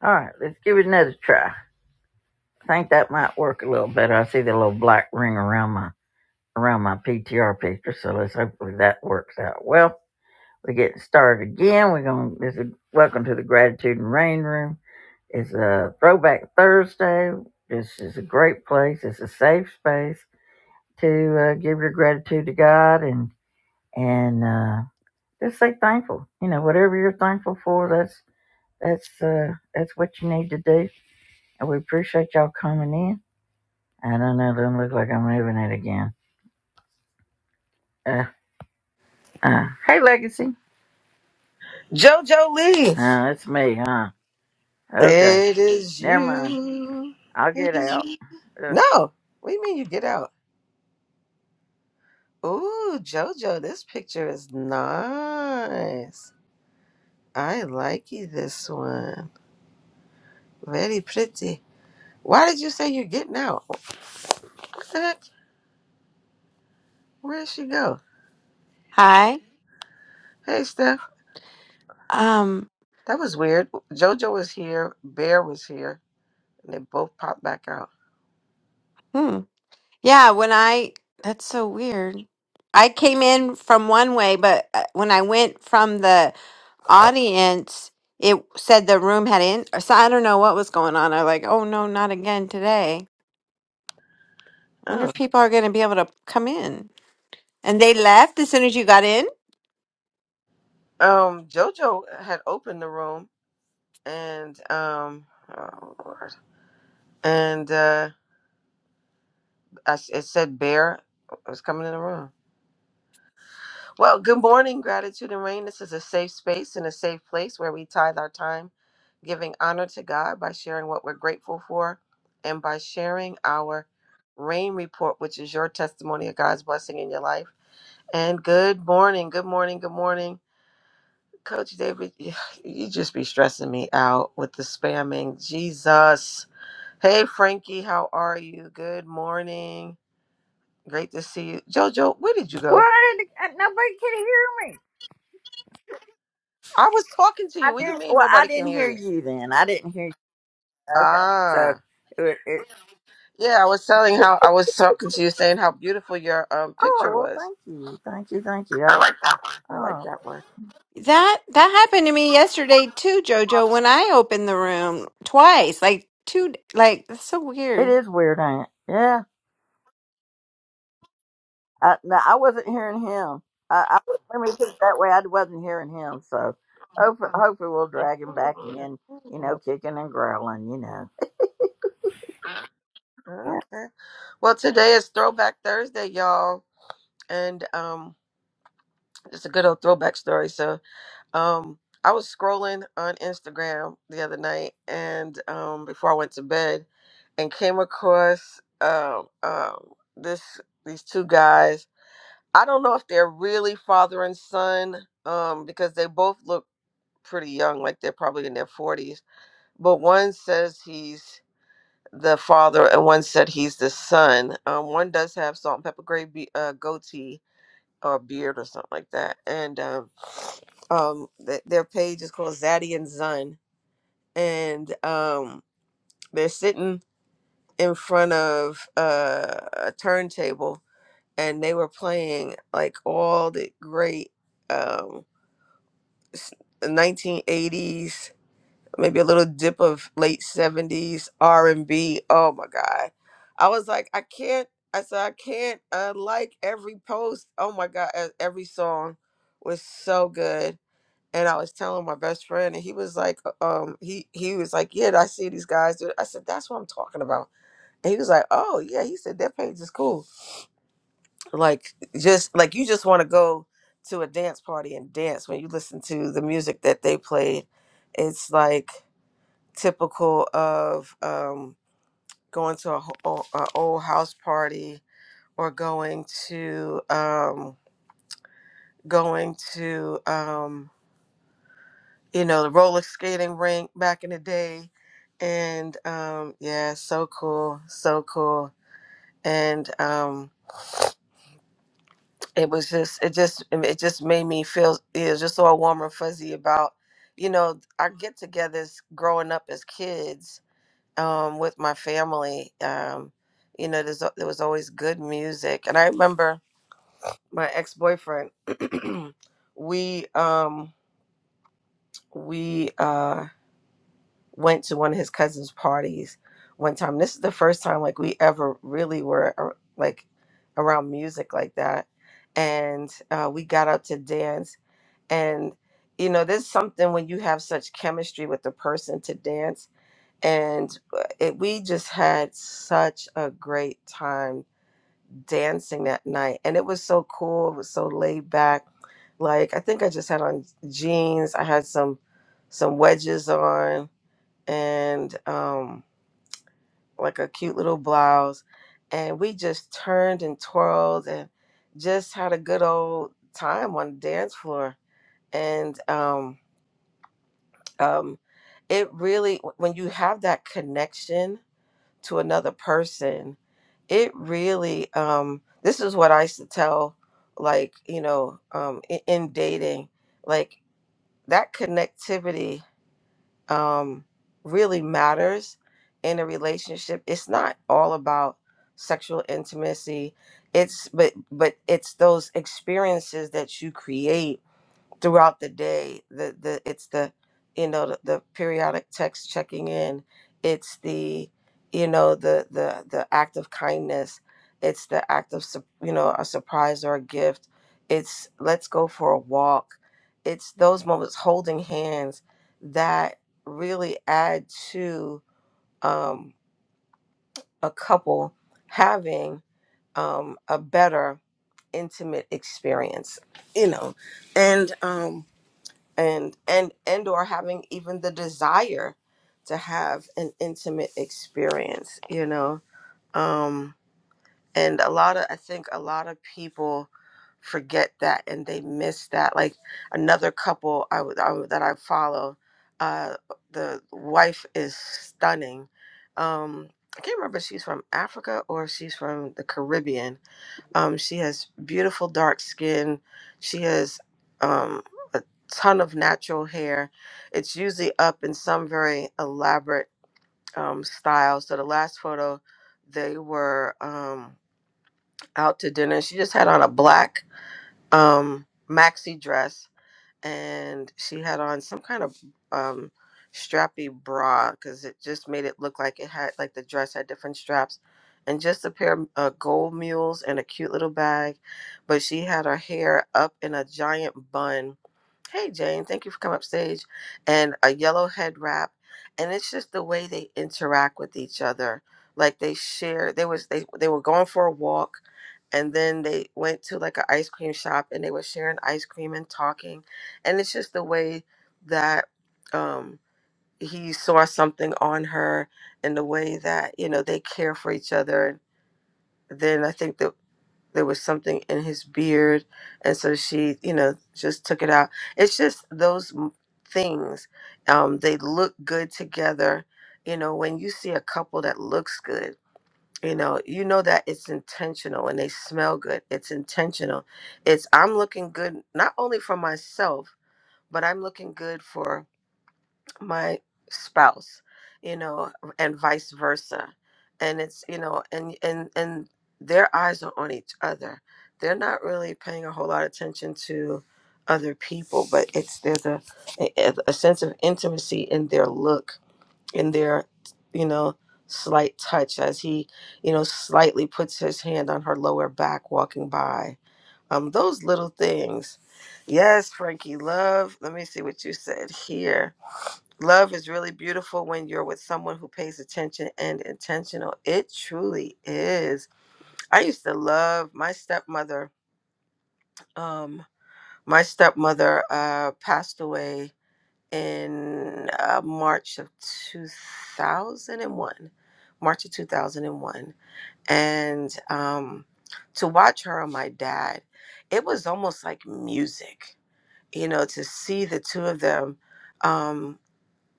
All right, let's give it another try. I think that might work a little better. I see the little black ring around my around my PTR picture, so let's hopefully that works out well. We're getting started again. We're gonna this is welcome to the Gratitude and Rain Room. It's a throwback Thursday. This is a great place. It's a safe space to uh, give your gratitude to God and and uh, just say thankful. You know, whatever you're thankful for, that's that's uh, that's what you need to do. And we appreciate y'all coming in. I don't know. Don't look like I'm moving it again. Uh, uh, hey, Legacy. JoJo Lee. Uh, it's me, huh? Okay. It is Never mind. you. I'll It get is out. you. Uh, No. What do you mean you get out? Ooh, JoJo, this picture is nice. I like you this one. Very pretty. Why did you say you're getting out? What the heck? where did she go? Hi. Hey, Steph. Um, That was weird. JoJo was here. Bear was here. And they both popped back out. hmm. Yeah, when I, that's so weird. I came in from one way, but uh, when I went from the audience, it said the room had in, so I don't know what was going on. I like, oh no, not again today. Wonder Oh. if people are going to be able to come in. And they left as soon as you got in? Um, JoJo had opened the room and um oh, Lord. and uh I s it said bear was coming in the room. Well, good morning, gratitude and rain. This is a safe space and a safe place where we tithe our time, giving honor to God by sharing what we're grateful for and by sharing our rain report, which is your testimony of God's blessing in your life. And good morning, good morning, good morning. Coach David, you just be stressing me out with the spamming. Jesus. Hey, Frankie, how are you? Good morning. Great to see you. Jojo, where did you well, go? I didn't, uh, nobody could hear me. I was talking to you. I What do you didn't. mean Well, I nobody can didn't hear hear you? you then. I didn't hear you. Okay. So, Ah, it, it, yeah. I was telling how I was talking to you, saying how beautiful your um oh, picture well, was. thank you. Thank you. Thank you. I like that one. I like Oh, that one. That that happened to me yesterday too, Jojo, when I opened the room twice, like two, like that's so it weird. is weird, ain't it? Yeah. I, no, I wasn't hearing him. I, I let me put it that way. I wasn't hearing him. So hopefully, hopefully we'll drag him back in. You Mm, know, kicking and growling. You know. Yeah. Okay. Well, today is Throwback Thursday, y'all, and um, it's a good old throwback story. So Um, I was scrolling on Instagram the other night, and um, before I went to bed, and came across um, um, this these two guys. I don't know if they're really father and son, um, because they both look pretty young, like they're probably in their forties. But one says he's the father, and one said he's the son. Um, one does have salt and pepper gray be- uh, goatee, or beard or something like that. And um, um, th- their page is called Zaddy and Zun, and um, they're sitting in front of uh, a turntable, and they were playing like all the great um, s- 1980s, maybe a little dip of late 70s R and B. Oh my God, I was like, I can't. I said I can't uh, like every post. Oh my god, e- every song was so good and I was telling my best friend, and he was like, uh, um, he he was like, yeah, I see these guys. do it." I said, that's what I'm talking about. And he was like, oh yeah, he said their page is cool. Like just like you just want to go to a dance party and dance when you listen to the music that they played. It's like typical of um, going to a, ho- o- a old house party or going to um, going to Um, you know, the roller skating rink back in the day. And um, yeah, so cool, so cool. And um, it was just, it just, it just made me feel, it was just all warm and fuzzy about, you know, our get togethers growing up as kids um, with my family. Um, you know, there's, there was always good music. And I remember my ex boyfriend, we, um, we, uh, went to one of his cousin's parties one time. This is the first time like we ever really were ar- like around music like that, and uh, we got up to dance. And you know, there's something when you have such chemistry with the person to dance, and uh, it, we just had such a great time dancing that night, and it was so cool. It was so laid back. Like I think I just had on jeans. I had some some wedges on and um, like a cute little blouse. And we just turned and twirled and just had a good old time on the dance floor. And um, um, it really, when you have that connection to another person, it really, um, this is what I used to tell, like, you know, um, in, in dating, like that connectivity um, really matters in a relationship. It's not all about sexual intimacy. It's but but it's those experiences that you create throughout the day the the it's the you know the, the periodic text checking in it's the you know the the the act of kindness it's the act of sup- you know a surprise or a gift it's let's go for a walk it's those moments holding hands that really add to um, a couple having um, a better intimate experience you know and um and and and or having even the desire to have an intimate experience you know um and a lot of i think a lot of people forget that and they miss that like another couple i, would- I would- that i follow uh the wife is stunning um i can't remember if she's from africa or if she's from the caribbean um, she has beautiful dark skin. She has um, a ton of natural hair. It's usually up in some very elaborate um, style. So the last photo, they were um, out to dinner. She just had on a black um, maxi dress and she had on some kind of um, strappy bra because it just made it look like it had like the dress had different straps, and just a pair of uh, gold mules and a cute little bag, but she had her hair up in a giant bun Hey, Jane, thank you for coming up stage. And a yellow head wrap. And it's just the way they interact with each other. Like they share, they was they they were going for a walk and then they went to like an ice cream shop and they were sharing ice cream and talking. And it's just the way that um he saw something on her and the way that, you know, they care for each other. Then I think that there was something in his beard and so she you know just took it out it's just those m- things um they look good together you know when you see a couple that looks good you know you know that it's intentional and they smell good it's intentional it's i'm looking good not only for myself but i'm looking good for my spouse you know and vice versa and it's you know and and and their eyes are on each other they're not really paying a whole lot of attention to other people but it's there's a a, a sense of intimacy in their look in their you know slight touch as he you know slightly puts his hand on her lower back walking by um those little things yes frankie love let me see what you said here Love is really beautiful when you're with someone who pays attention and intentional. It truly is. I used to love my stepmother. Um, my stepmother uh, passed away in uh, March of 2001, March of 2001. And one, and um, to watch her and my dad, it was almost like music, you know, to see the two of them. Um,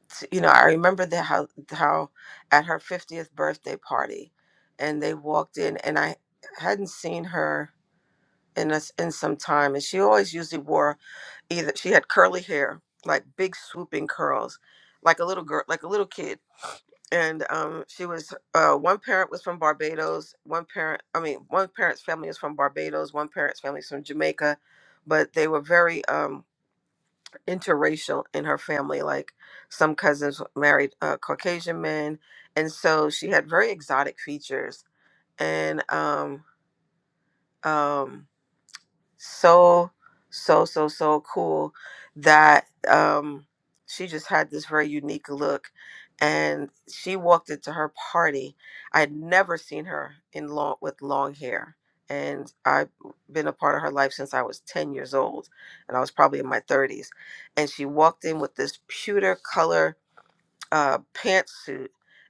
t- you know, I remember the how how at her fiftieth birthday party, and they walked in, and I hadn't seen her in us in some time, and she always usually wore either she had curly hair, like big swooping curls, like a little girl, like a little kid, and um, she was uh, one parent was from Barbados, one parent, I mean, one parent's family is from Barbados, one parent's family is from Jamaica, but they were very um interracial in her family. Like some cousins married uh, Caucasian men, and so she had very exotic features. And um, um, so so so so cool that um she just had this very unique look and she walked into her party i had never seen her in long with long hair and i've been a part of her life since i was 10 years old and i was probably in my 30s and she walked in with this pewter color uh, pantsuit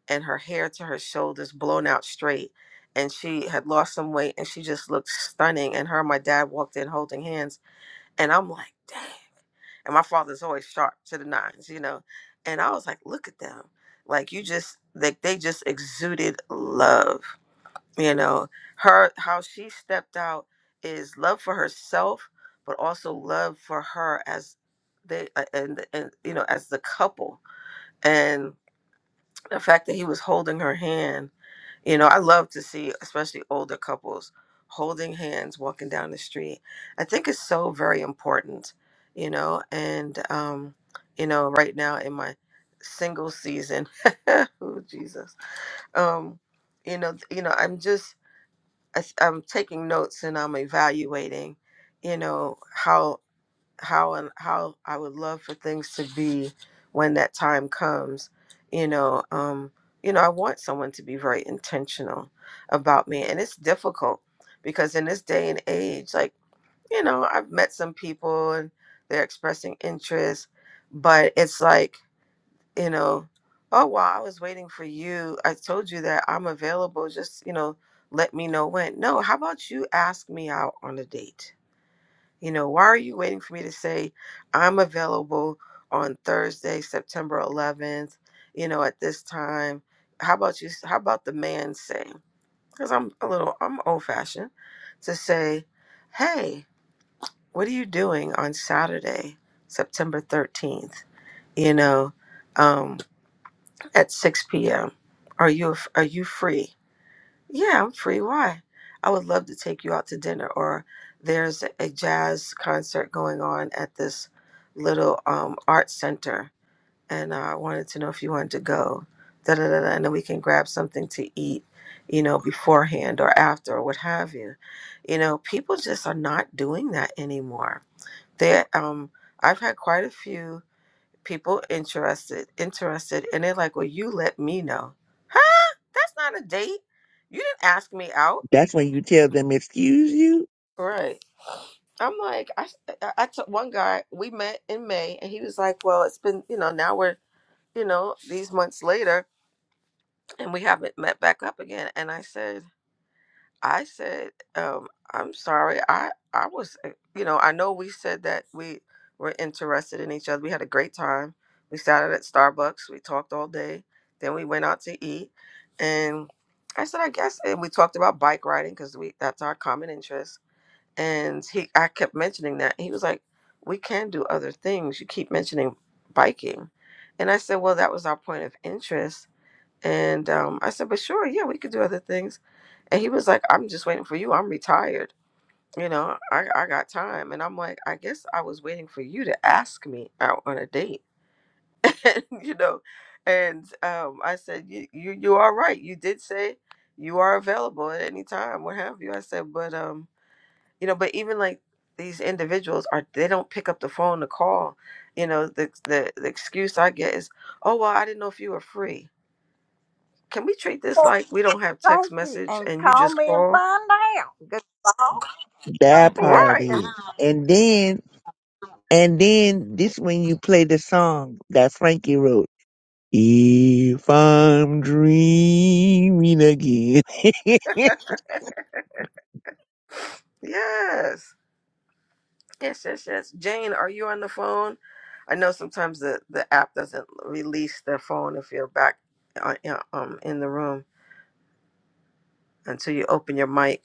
and her hair to her shoulders blown out straight. And she had lost some weight and she just looked stunning. And her and my dad walked in holding hands. And I'm like, dang. And my father's always sharp to the nines, you know. And I was like, look at them. Like you just like they just exuded love, you know. Her how she stepped out is love for herself, but also love for her as they uh, and and you know as the couple. And the fact that he was holding her hand you know i love to see especially older couples holding hands walking down the street i think it's so very important you know and um you know right now in my single season oh jesus um you know you know i'm just I, i'm taking notes and i'm evaluating you know how how and how I would love for things to be when that time comes. You know, um, you know, I want someone to be very intentional about me, and it's difficult because in this day and age, like you know, I've met some people and they're expressing interest, but it's like you know, oh well, I was waiting for you. I told you that I'm available. Just you know, let me know when. No, how about you ask me out on a date? You know, why are you waiting for me to say I'm available on Thursday, September 11th, you know, at this time? How about you? How about the man say, because I'm a little, I'm old fashioned, to say, hey, what are you doing on Saturday, September 13th, you know, um, at 6 p.m.? Are you, are you free? Yeah, I'm free. Why? I would love to take you out to dinner, or there's a jazz concert going on at this little um, art center, and uh, I wanted to know if you wanted to go. Da da da da, and then we can grab something to eat, you know, beforehand or after or what have you. You know, people just are not doing that anymore. They, um, I've had quite a few people interested, interested, and they're like, "Well, you let me know." Huh? That's not a date. You didn't ask me out That's when you tell them, excuse you. Right. I'm like, I, I, I took one guy, we met in May, and he was like, well, it's been, you know, now we're, you know, these months later, and we haven't met back up again. And I said, I said, um, I'm sorry. I, I was, uh, you know, I know we said that we were interested in each other. We had a great time. We sat out at Starbucks. We talked all day. Then we went out to eat. And I said, I guess, and we talked about bike riding because we, that's our common interest and he I kept mentioning that. He was like, "We can do other things. You keep mentioning biking." And I said, "Well, that was our point of interest." And um, I said, "But sure, yeah, we could do other things." And he was like, "I'm just waiting for you. I'm retired. You know, I I got time." And I'm like, "I guess I was waiting for you to ask me out on a date." and, you know, and um, I said, "You you you are right. You did say you are available at any time, what have you." I said, "But um." you know but even like these individuals are they don't pick up the phone to call you know the, the the excuse i get is oh well i didn't know if you were free can we treat this Well, like we don't have text thank you, message and and you call just me and call find out. Good call. That Don't be it. part right Good is. And then, and then this when you play the song that Frankie wrote. If I'm dreaming again. yes yes yes yes jane are you on the phone i know sometimes the the app doesn't release the phone if you're back uh, you um in the room until you open your mic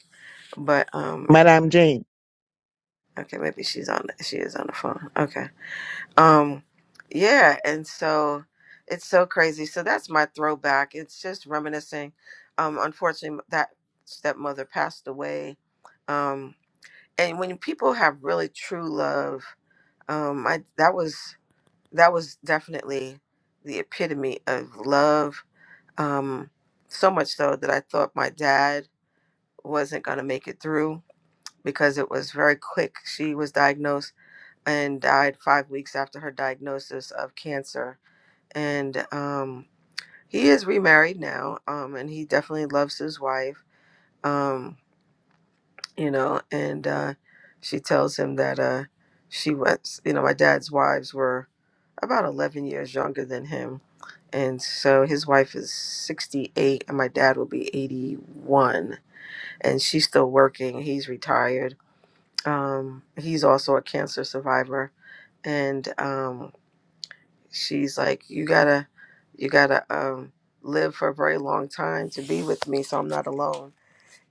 but um Madame Jane. okay maybe she's on she is on the phone okay Um, yeah, and so it's so crazy. So that's my throwback. It's just reminiscing. Um, unfortunately, that stepmother passed away. Um, and when people have really true love, um, I that was that was definitely the epitome of love. Um, so much so that I thought my dad wasn't gonna make it through because it was very quick. She was diagnosed and died five weeks after her diagnosis of cancer and um, he is remarried now, um, and he definitely loves his wife, um, you know, and uh, she tells him that uh, she was, you know, my dad's wives were about 11 years younger than him. And so his wife is 68, and my dad will be 81, and she's still working. He's retired. Um, he's also a cancer survivor. And um, she's like you gotta you gotta um live for a very long time to be with me so i'm not alone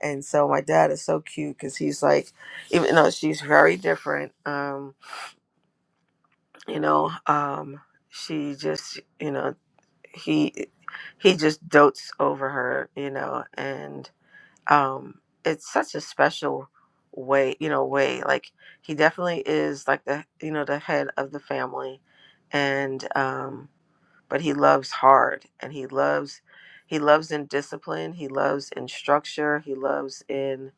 and so my dad is so cute because he's like even though she's very different um you know um she just you know he he just dotes over her you know and um it's such a special way you know way like he definitely is like the you know the head of the family and um but he loves hard and he loves he loves in discipline he loves in structure he loves in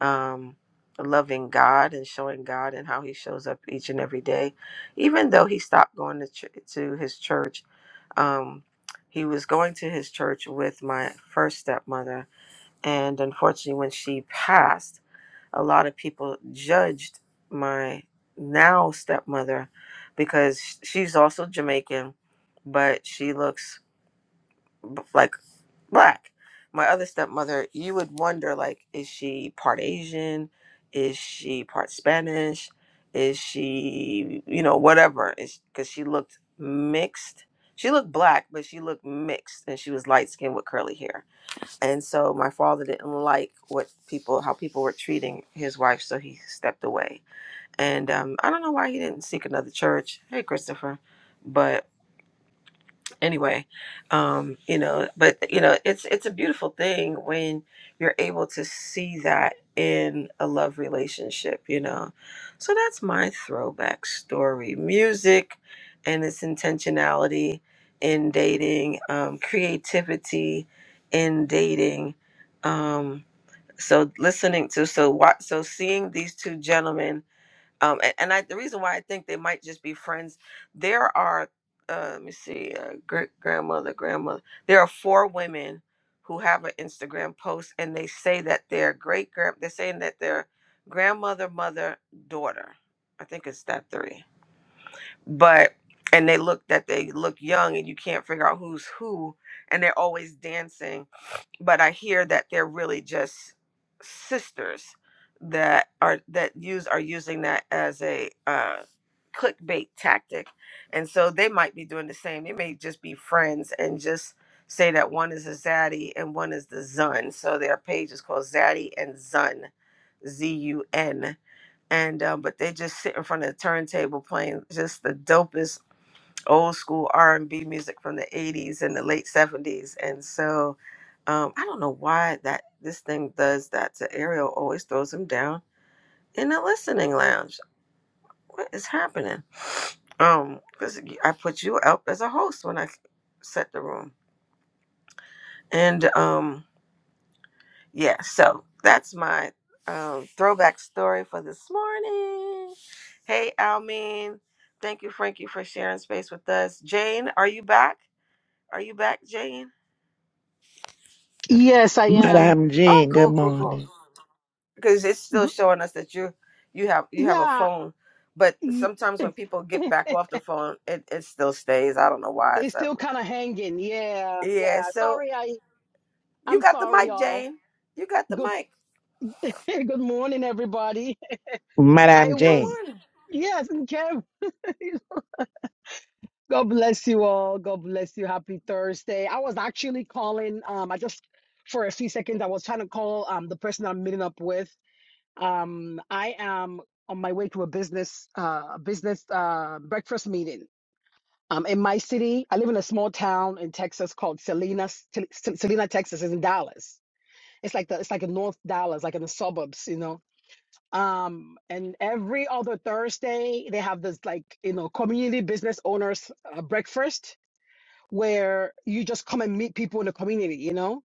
um loving god and showing god and how he shows up each and every day even though he stopped going to, ch- to his church um he was going to his church with my first stepmother and unfortunately when she passed a lot of people judged my now stepmother because sh- she's also jamaican but she looks b- like black. My other stepmother, you would wonder like, is she part Asian? Is she part Spanish? Is she, you know, whatever? Because she looked mixed. She looked black, but she looked mixed, and she was light skinned with curly hair. And so my father didn't like what people, how people were treating his wife, so he stepped away. And um, I don't know why he didn't seek another church. Hey, Christopher, but anyway um you know but you know it's it's a beautiful thing when you're able to see that in a love relationship you know so that's my throwback story music and its intentionality in dating um creativity in dating um so listening to so what so seeing these two gentlemen um and, and i the reason why i think they might just be friends there are uh let me see uh, great grandmother grandmother there are four women who have an instagram post and they say that their great grand they're saying that their grandmother mother daughter i think it's that three but and they look that they look young and you can't figure out who's who and they're always dancing but I hear that they're really just sisters that are that use are using that as a uh, clickbait tactic, and so they might be doing the same. They may just be friends and just say that one is a zaddy and one is the zun. So their page is called Zaddy and Zun, Z U N. And um, but they just sit in front of the turntable playing just the dopest old school R&B music from the 80s and the late 70s. And so um, I don't know why that this thing does that to Ariel always throws him down in the listening lounge. What is happening? Um cuz I put you up as a host when I set the room. And um yeah, so that's my um, throwback story for this morning. Hey, Almin. Thank you, Frankie, for sharing space with us. Jane, are you back? Are you back, Jane? Yes, I am. Madame Oh, Jane, good cool, cool, cool. morning. Because it's still G- showing us that you you have you have a Yeah, phone, but y- sometimes when people get back off the phone, it, it still stays. I don't know why. It's it's that still way. kind of hanging. Yeah, yeah. yeah. So Sorry, I you I'm got the sorry, mic, all. Jane. You got the Good mic. good morning, everybody. I Madame Good Jane. was morning. yes, and Kev. God bless you all. God bless you. Happy Thursday. I was actually calling. Um, I just for a few seconds I was trying to call um the person I'm meeting up with. Um, I am on my way to a business uh business uh breakfast meeting. Um, in my city, I live in a small town in Texas called Selena, Sel- Selena, Texas. is in Dallas. It's like the it's like in North Dallas, like in the suburbs, you know. Um, and every other Thursday, they have this like you know community business owners uh, breakfast where you just come and meet people in the community. You know,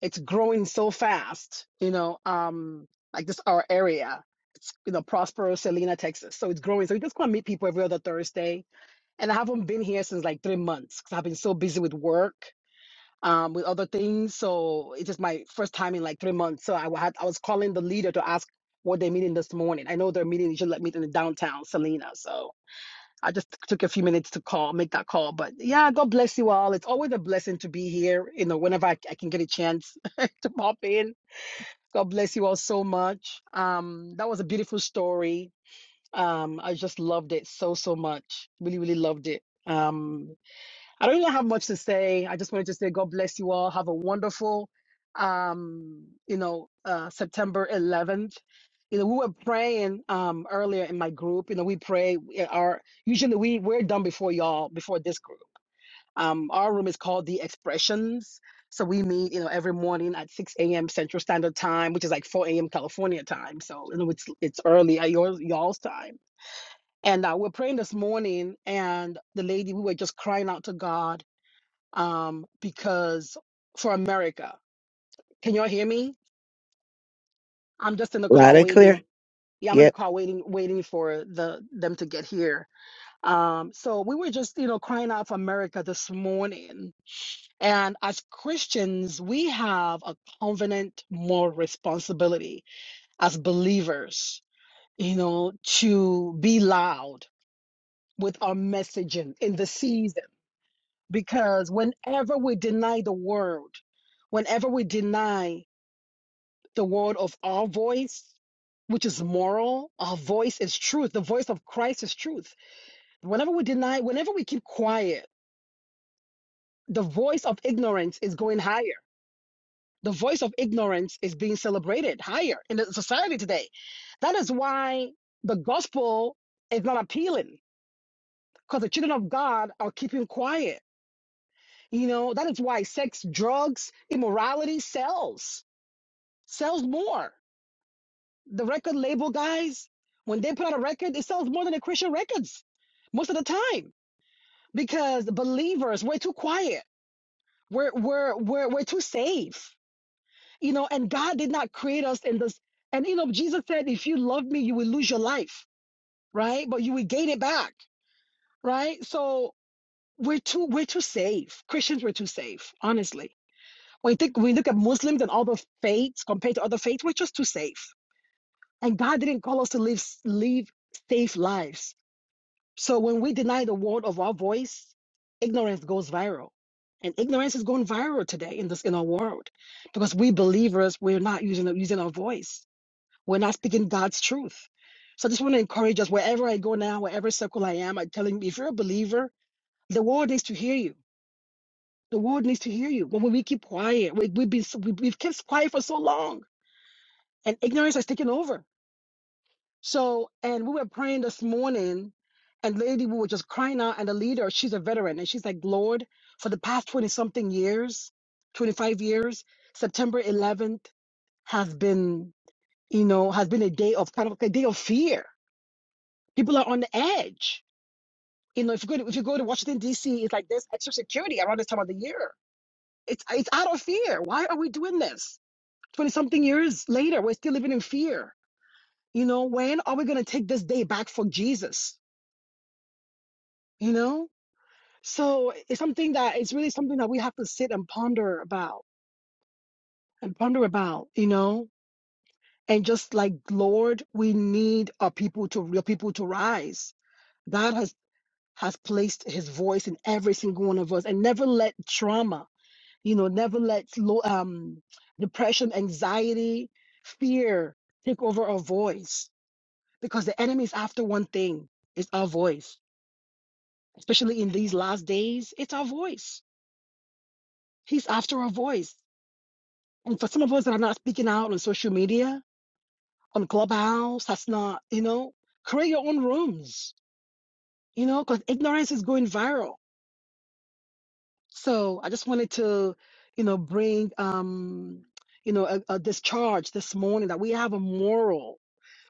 it's growing so fast. You know, um, like this our area. It's you know Prospero, Selena, Texas. So it's growing. So you just come and meet people every other Thursday and I haven't been here since like three months because I've been so busy with work, um, with other things. So it's just my first time in like three months. So I had I was calling the leader to ask what they're meeting this morning. I know they're meeting usually like meeting in downtown Selena. So I just took a few minutes to call, make that call. But yeah, God bless you all. It's always a blessing to be here. You know, whenever I, I can get a chance to pop in. God bless you all so much. Um, that was a beautiful story. Um, I just loved it so so much. Really, really loved it. Um, I don't really have much to say. I just wanted to say God bless you all. Have a wonderful, um, you know, uh, September 11th. You know, we were praying um, earlier in my group. You know, we pray. we- Our usually we we're done before y'all before this group. Um, our room is called the Expressions, so we meet you know every morning at 6 a.m. Central Standard Time, which is like 4 a.m. California time. So you know it's it's early at your y'all's time. And uh, we're praying this morning, and the lady we were just crying out to God um, because for America. Can y'all hear me? I'm just in the car Loud and waiting. clear. Yeah, I'm in the Yep. car waiting, waiting for the them to get here. Um, so we were just, you know, crying out for America this morning. And as Christians, we have a covenant moral responsibility as believers, you know, to be loud with our messaging in the season. Because whenever we deny the word, whenever we deny the word of our voice, which is moral. Our voice is truth. The voice of Christ is truth. Whenever we deny, whenever we keep quiet, the voice of ignorance is going higher. The voice of ignorance is being celebrated higher in the society today. That is why the gospel is not appealing because the children of God are keeping quiet. You know, that is why sex, drugs, immorality sells, sells more. The record label guys, when they put out a record, it sells more than the Christian records most of the time because believers, we're too quiet. We're, we're, we're, we're too safe, you know, and God did not create us in this. And, you know, Jesus said, if you love me, you will lose your life, right? But you will gain it back, right? So we're too, we're too safe. Christians, were too safe, honestly. When you think, when you look at Muslims and all the faiths compared to other faiths, we're just too safe. And God didn't call us to live, live safe lives So when we deny the word of our voice, ignorance goes viral. And ignorance is going viral today in this in our world because we believers we're not using using our voice. We're not speaking God's truth. So I just want to encourage us wherever I go now, wherever circle I am, I'm telling you, if you're a believer, the world needs to hear you. The world needs to hear you. When we keep quiet, we, we've been so- we, we've kept quiet for so long, and ignorance has taken over. So, and we were praying this morning, and lady, we were just crying out. And the leader, she's a veteran, and she's like, Lord, for the past 20 something years, 25 years, September 11th has been, you know, has been a day of kind of like a day of fear. People are on the edge. You know, if you go to, if you go to Washington, D.C., it's like there's extra security around this time of the year. It's, it's out of fear. Why are we doing this? 20 something years later, we're still living in fear. You know, when are we going to take this day back for Jesus? You know? So it's something that it's really something that we have to sit and ponder about and ponder about, you know, and just like Lord, we need our people to real people to rise. God has has placed His voice in every single one of us, and never let trauma, you know, never let lo- um, depression, anxiety, fear take over our voice, because the enemy is after one thing: it's our voice. Especially in these last days, it's our voice. He's after our voice And for some of us that are not speaking out on social media, on Clubhouse, that's not, you know, create your own rooms, you know, because ignorance is going viral. So I just wanted to, you know, bring, um, you know, a, a discharge this morning that we have a moral,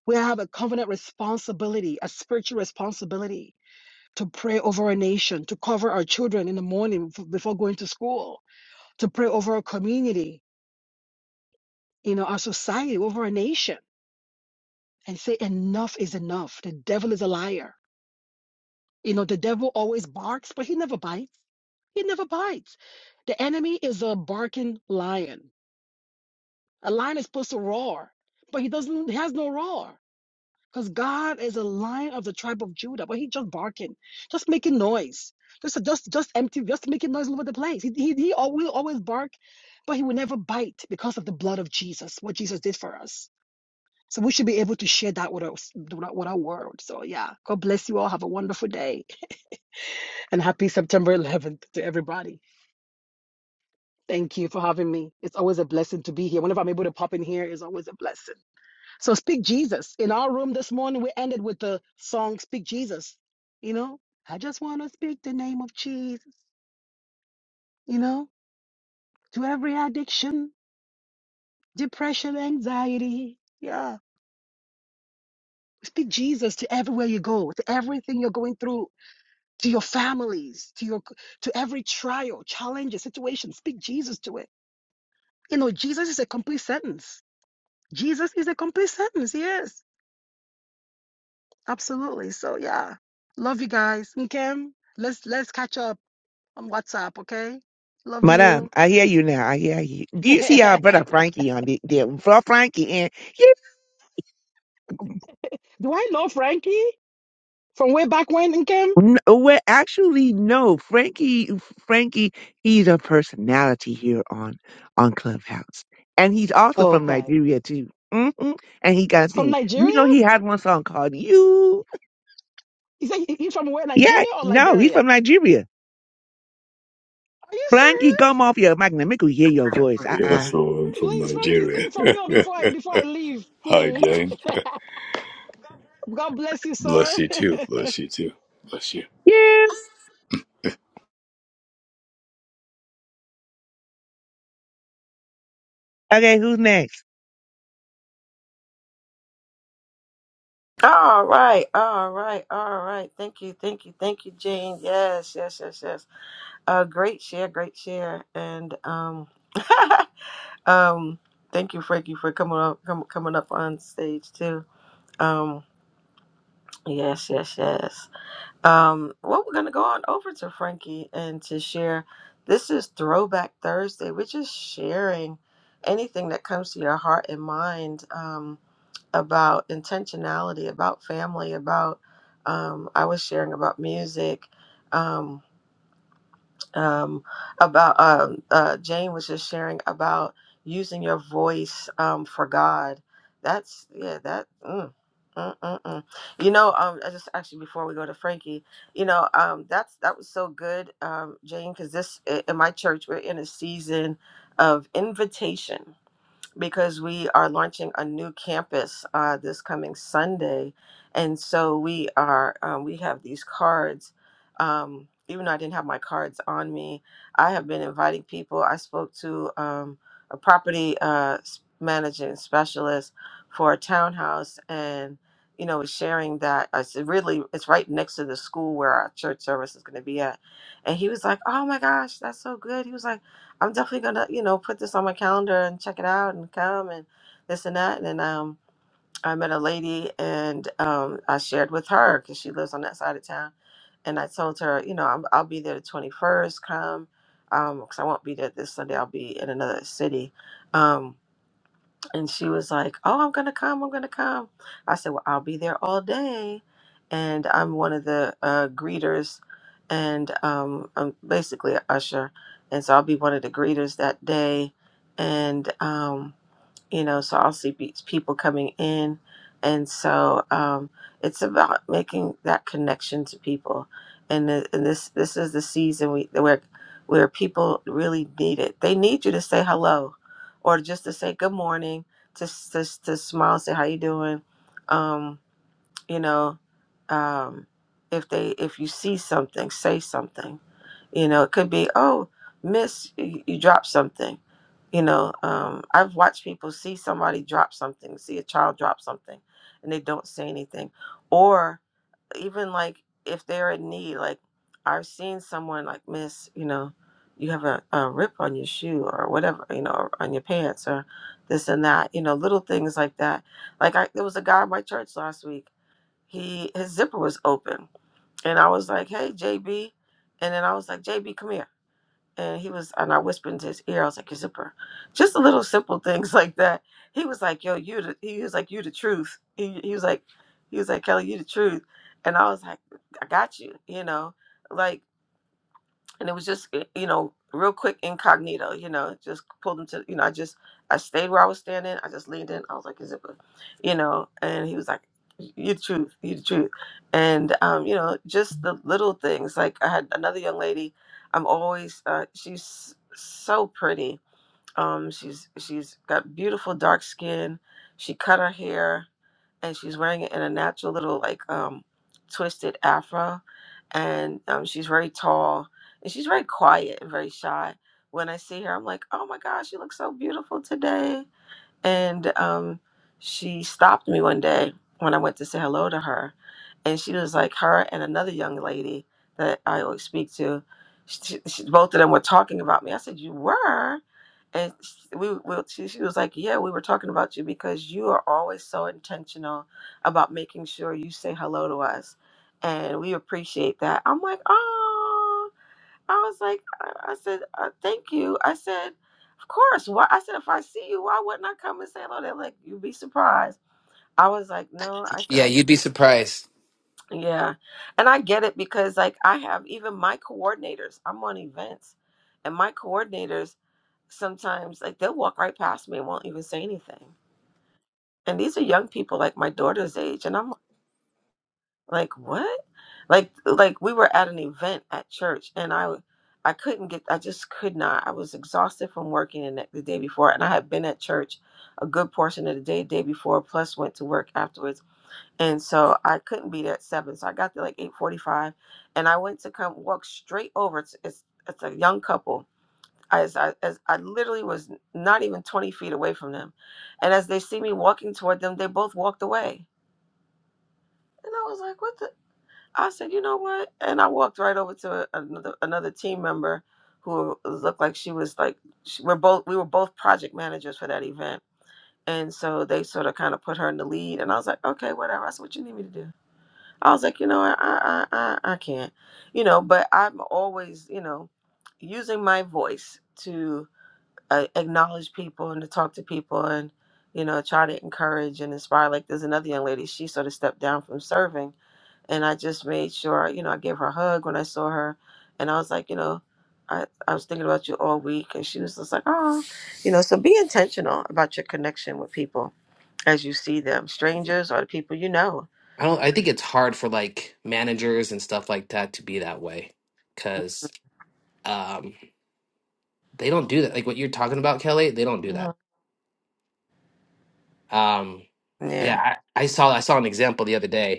we have a covenant responsibility, a spiritual responsibility to pray over our nation, to cover our children in the morning f- before going to school, to pray over our community, you know, our society, over our nation and say, Enough is enough. The devil is a liar. You know, the devil always barks, but he never bites. He never bites. The enemy is a barking lion. A lion is supposed to roar, but he doesn't, he has no roar because God is a lion of the tribe of Judah, but he just barking, just making noise. Just, just, just empty, just making noise all over the place. He, he, he al- will always bark, but he will never bite because of the blood of Jesus, what Jesus did for us. So we should be able to share that with our, with our world. So yeah, God bless you all. Have a wonderful day and happy September 11th to everybody. Thank you for having me. It's always a blessing to be here. Whenever I'm able to pop in here, it's always a blessing. So speak Jesus. In our room this morning, we ended with the song Speak Jesus. You know, I just want to speak the name of Jesus, you know, to every addiction, depression, anxiety. Yeah. Speak Jesus to everywhere you go, to everything you're going through to your families, to your to every trial, challenges, situation. Speak Jesus to it. You know, Jesus is a complete sentence. Jesus is a complete sentence. He is. Absolutely. So yeah. Love you guys. Nkem, let's let's catch up on WhatsApp, okay? Love Madame, you. I hear you now. I hear you. Do Do you see our brother Frankie on the, the Fro- Frankie in? I know Frankie? From way back when, Nkem? N- Well, actually, no. Frankie, Frankie, he's a personality here on on Clubhouse, and he's also from Okay. Nigeria too. hmm And he got From sing. You Nigeria? know, he had one song called "You." Is that he- he's from where Yeah, Nigeria or no, he's Liberia? from Nigeria. Are you Frankie, serious? come off your mic and make we hear your voice. Uh Yes, uh so I'm from Please, Frankie, sing Nigeria. for me or before I before I leave, Hi, please. Jane. God bless you, Bless sir. you too. Bless you too. Bless you. Yes. Okay, who's next? All right, all right, all right. Thank you, thank you, thank you, Jane. Yes, yes, yes, yes. Uh, great share, great share, and um, um, thank you, Frankie, for coming up, com- coming up on stage too. Um, yes, yes, yes. Um, well, we're gonna go on over to Frankie and to share. This is Throwback Thursday. We're just sharing anything that comes to your heart and mind um, about intentionality, about family, about. Um, I was sharing about music. Um, um, about um uh, Jane was just sharing about using your voice um, for God. That's yeah, that. Mm. Mm, mm, mm. You know, um, I just actually before we go to Frankie, you know, um, that's that was so good, um, Jane, because this i- in my church we're in a season of invitation because we are launching a new campus uh, this coming Sunday, and so we are um, we have these cards. Um, even though I didn't have my cards on me, I have been inviting people. I spoke to um, a property uh, s- managing specialist for a townhouse, and you know, was sharing that uh, it's really it's right next to the school where our church service is going to be at, and he was like, "Oh my gosh, that's so good." He was like. I'm definitely gonna, you know, put this on my calendar and check it out and come and this and that. And um, I met a lady and um, I shared with her because she lives on that side of town. And I told her, you know, I'm, I'll be there the 21st. Come, because I won't be there this Sunday. I'll be in another city. Um, and she was like, Oh, I'm going to come. I'm going to come. I said, Well, I'll be there all day. And I'm one of the uh, greeters, and um, I'm basically an usher. And so I'll be one of the greeters that day. And, um, you know, so I'll see pe- people coming in. And so um, it's about making that connection to people. And, th- and this this is the season we where where people really need it. They need you to say hello, or just to say good morning, to s- to, s- to smile, say how you doing. Um, you know um, if they if you see something say something you know it could be oh miss you, you dropped something you know um, i've watched people see somebody drop something see a child drop something and they don't say anything or even like if they're in need like i've seen someone like miss you know you have a, a rip on your shoe or whatever you know or on your pants or this and that you know little things like that like I, there was a guy in my church last week he his zipper was open and i was like hey jb and then i was like jb come here and he was and i whispered into his ear i was like your zipper just the little simple things like that he was like yo you the, he was like you the truth he, he was like he was like kelly you the truth and i was like i got you you know like and it was just uh, you know real quick incognito you know just pulled him to you know i just i stayed where i was standing i just leaned in i was like is it a-" you know and he was like you the truth you the truth and um you know just the little things like i had another young lady i'm always uh she's so pretty um she's she's got beautiful dark skin she cut her hair and she's wearing it in a natural little like um twisted afro and um she's very tall and she's very quiet and very shy when i see her i'm like oh my gosh you look so beautiful today and um, she stopped me one day when I went to say hello to her. And she was like, her and another young lady that I always speak to, she, she, both of them were talking about me. I said, You were? And s- we, we she, she was like, Yeah, we were talking about you because you are always so intentional about making sure you say hello to us. And we appreciate that. I'm like, Oh. I was like, I, I said, uh, thank you. I said, of course. Why? I said, if I see you, why wouldn't I come and say hello? They're like, you'd be surprised. I was like, no. I said, Yeah, I, you'd be surprised. yeah, and I get it because like I have even my coordinators. I'm on events, and my coordinators sometimes like they'll walk right past me and won't even say anything. And these are young people like my daughter's age, and I'm like what like like we were at an event at church and i i couldn't get i just could not i was exhausted from working the, ne- the day before and i had been at church a good portion of the day day before plus went to work afterwards and so i couldn't be there at seven so i got there like 8.45 and i went to come walk straight over it's it's, it's a young couple I, as I, as I literally was not even 20 feet away from them and as they see me walking toward them they both walked away and i was like what the I said, you know what? And I walked right over to another another team member who looked like she was like she, we're both we were both project managers for that event. And so they sort of kind of put her in the lead, and I was like, okay, whatever. I said, what you need me to do? I was like, you know, I I I, I I can't, you know, but I'm always, you know, using my voice to uh, acknowledge people and to talk to people and, you know, try to encourage and inspire. Like there's another young lady, she sort of stepped down from serving, and I just made sure, you know, I gave her a hug when I saw her, and I was like, you know, I I was thinking about you all week, and she was just like, oh, you know, so be intentional about your connection with people as you see them, strangers or the people you know. I don't I think it's hard for like managers and stuff like that to be that way cuz um they don't do that. Like what you're talking about, Kelly, they don't do Mhm. that. Um Yeah. yeah, I, I saw I saw an example the other day.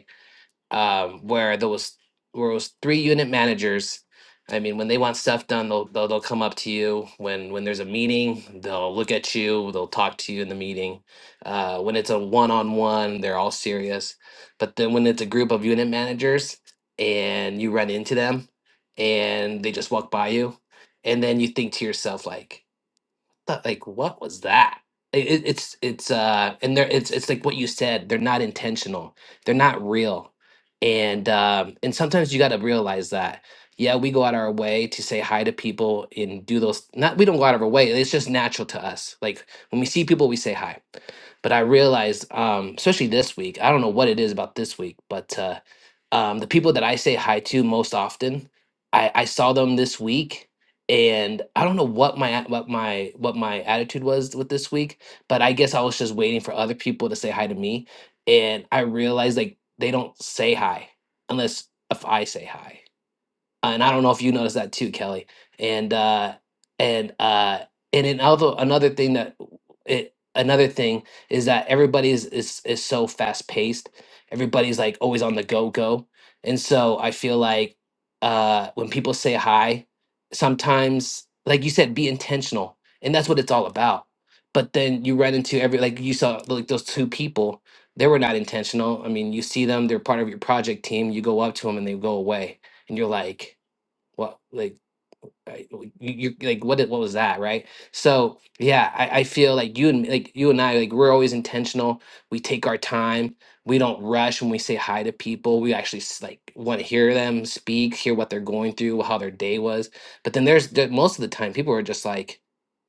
um, where there was where it was three unit managers. I mean, when they want stuff done, they'll, they'll they'll come up to you. When when there's a meeting, they'll look at you. They'll talk to you in the meeting. Uh, when it's a one on one, they're all serious. But then when it's a group of unit managers and you run into them, and they just walk by you, and then you think to yourself like, the like what was that it, it- it's it's uh and they're it's it's like what you said they're not intentional they're not real and um and sometimes you got to realize that yeah we go out our way to say hi to people and do those not we don't go out of our way it's just natural to us like when we see people we say hi but i realized um especially this week i don't know what it is about this week but uh um the people that i say hi to most often i i saw them this week and I don't know what my what my what my attitude was with this week, but I guess I was just waiting for other people to say hi to me, and I realized like they don't say hi unless if I say hi and I don't know if you noticed that too, Kelly. And uh, and uh, and another another thing that it, another thing is that everybody is is, is so fast paced. Everybody's like always on the go go, and so I feel like uh, when people say hi, sometimes like you said, be intentional, and that's what it's all about. But then you run into every like you saw like those two people. They were not intentional. I mean, you see them; they're part of your project team. You go up to them, and they go away, and you're like, what like right? You, you like what did, what was that, right? So yeah, I, I feel like you and like you and I like we're always intentional. We take our time. We don't rush when we say hi to people. We actually s- like want to hear them speak, hear what they're going through, how their day was. But then there's the, most of the time people are just like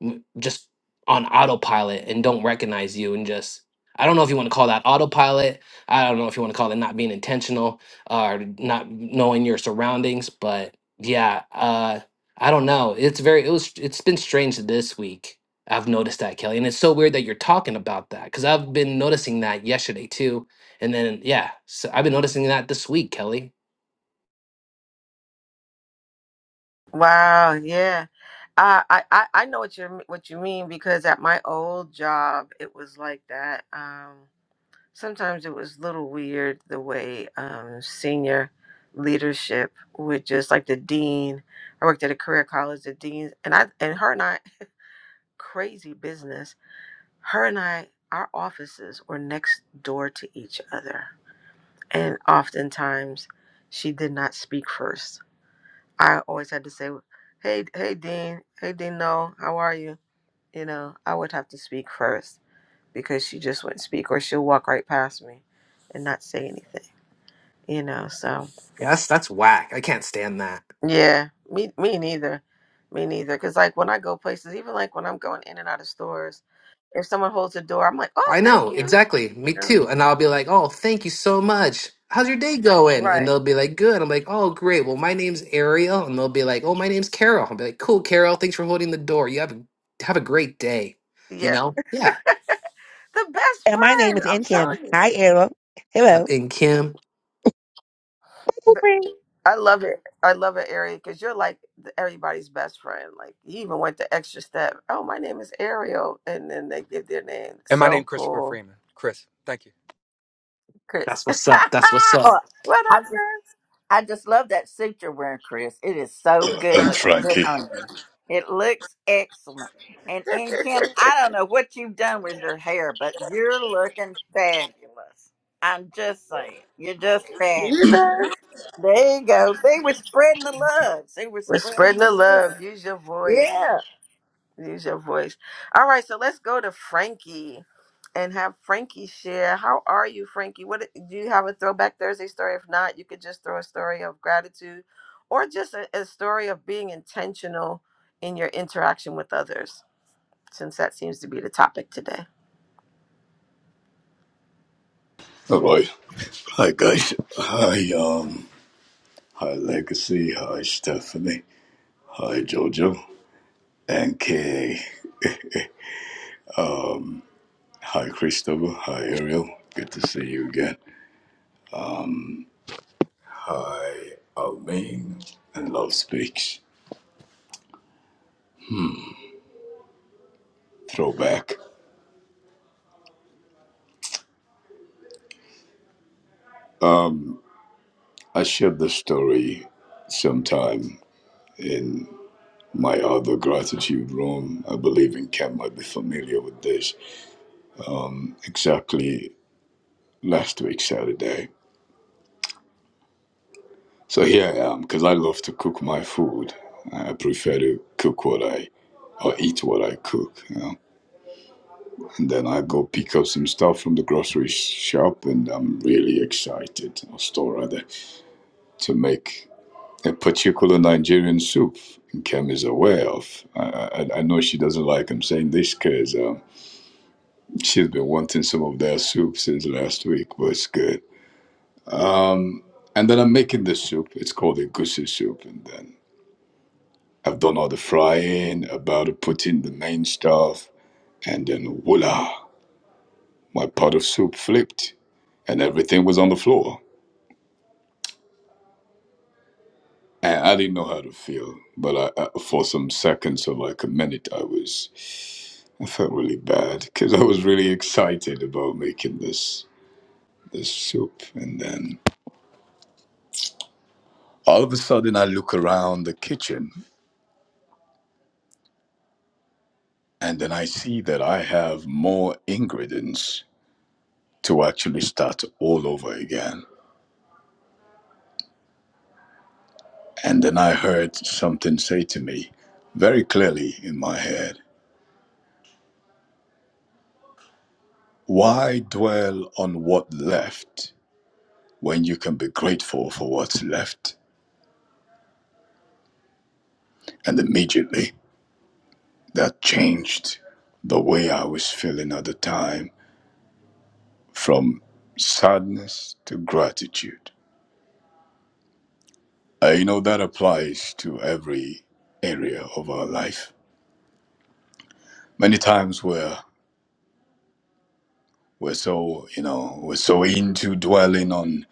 m- just on autopilot and don't recognize you and just I don't know if you want to call that autopilot. I don't know if you want to call it not being intentional or not knowing your surroundings, but yeah, uh I don't know. It's very it was it's been strange this week. I've noticed that, Kelly. And it's so weird that you're talking about that because I've been noticing that yesterday too. And then yeah, so I've been noticing that this week, Kelly. Wow. Yeah. Uh, I, I I know what you what you mean because at my old job it was like that. Um, sometimes it was a little weird the way um, senior leadership would just like the dean. I worked at a career college, the dean, and I and her and I crazy business. Her and I, our offices were next door to each other, and oftentimes she did not speak first. I always had to say, "Hey, hey, dean, hey, dean, no, how are you?" You know, I would have to speak first because she just wouldn't speak, or she'll walk right past me and not say anything. you know so Yes, that's whack. I can't stand that. yeah me me neither me neither because like when i go places even like when i'm going in and out of stores if someone holds the door i'm like oh I thank know, you exactly. you Me know too. And I'll be like, "Oh, thank you so much. How's your day going?" And right they'll be like, "Good." I'm like, "Oh, great. Well, my name's Ariel." And they'll be like, "Oh, my name's Carol." I'll be like, "Cool, Carol. Thanks for holding the door. You have a, have a great day." You yeah know? Yeah. the best And my name friend is i'm Encam. telling you Hi, Errol. Uh, Hello. And Kim, But i love it i love it ariel because you're like the- everybody's best friend like you even went the extra step oh my name is ariel and then they give their name And my so name Christopher cool Freeman. Chris, thank you. chris That's what's up. That's what's up. what up luck. I just love that suit you're wearing, Chris. It is so good, I'm look good Frankie. on you. It looks excellent. And and Kim, chris I don't know what you've done with your hair, but you're looking fabulous. I'm just saying, you're just fabulous. you know There you go. See, we're spreading the love. See, we're We're spreading spreading the the love. love. Use your voice. Yeah, Use your voice. All right, so let's go to Frankie and have Frankie share. How are you, Frankie? What do you have a throwback Thursday story? If not, you could just throw a story of gratitude or just a, a story of being intentional in your interaction with others, since that seems to be the topic today. All right. Hi, guys. Hi, um, hi, Legacy. Hi, Stephanie. Hi, Jojo. And Kay. Hi, Christopher. Hi, Ariel. Good to see you again. Almain and Love Speaks. Throwback. Um, I shared this story sometime in. My other gratitude room, I believe in Kent might be familiar with this, um, exactly last week, Saturday. So here I am, because I love to cook my food. I prefer to cook what I, or eat what I cook. You know? And then I go pick up some stuff from the grocery shop, and I'm really excited, or store rather, to make a particular Nigerian soup. And Kem is aware of. I, I, I know she doesn't like I'm saying this 'cause um, She's been wanting some of their soup since last week, but it's good. Um, and then I'm making the soup. It's called a goosey soup. And then I've done all the frying, about to put in the main stuff. And then voila, my pot of soup flipped and everything was on the floor. And I didn't know how to feel. But I, I, for some seconds or like a minute, I was, I felt really bad because I was really excited about making this, this soup. And then All of a sudden, I look around the kitchen and then I see that I have more ingredients to actually start all over again. And then I heard something say to me very clearly in my head Why dwell on what left when you can be grateful for what's left? And immediately that changed the way I was feeling at the time from sadness to gratitude. Uh, you know, that applies to every area of our life. Many times we're, we're so, you know, we're so into dwelling on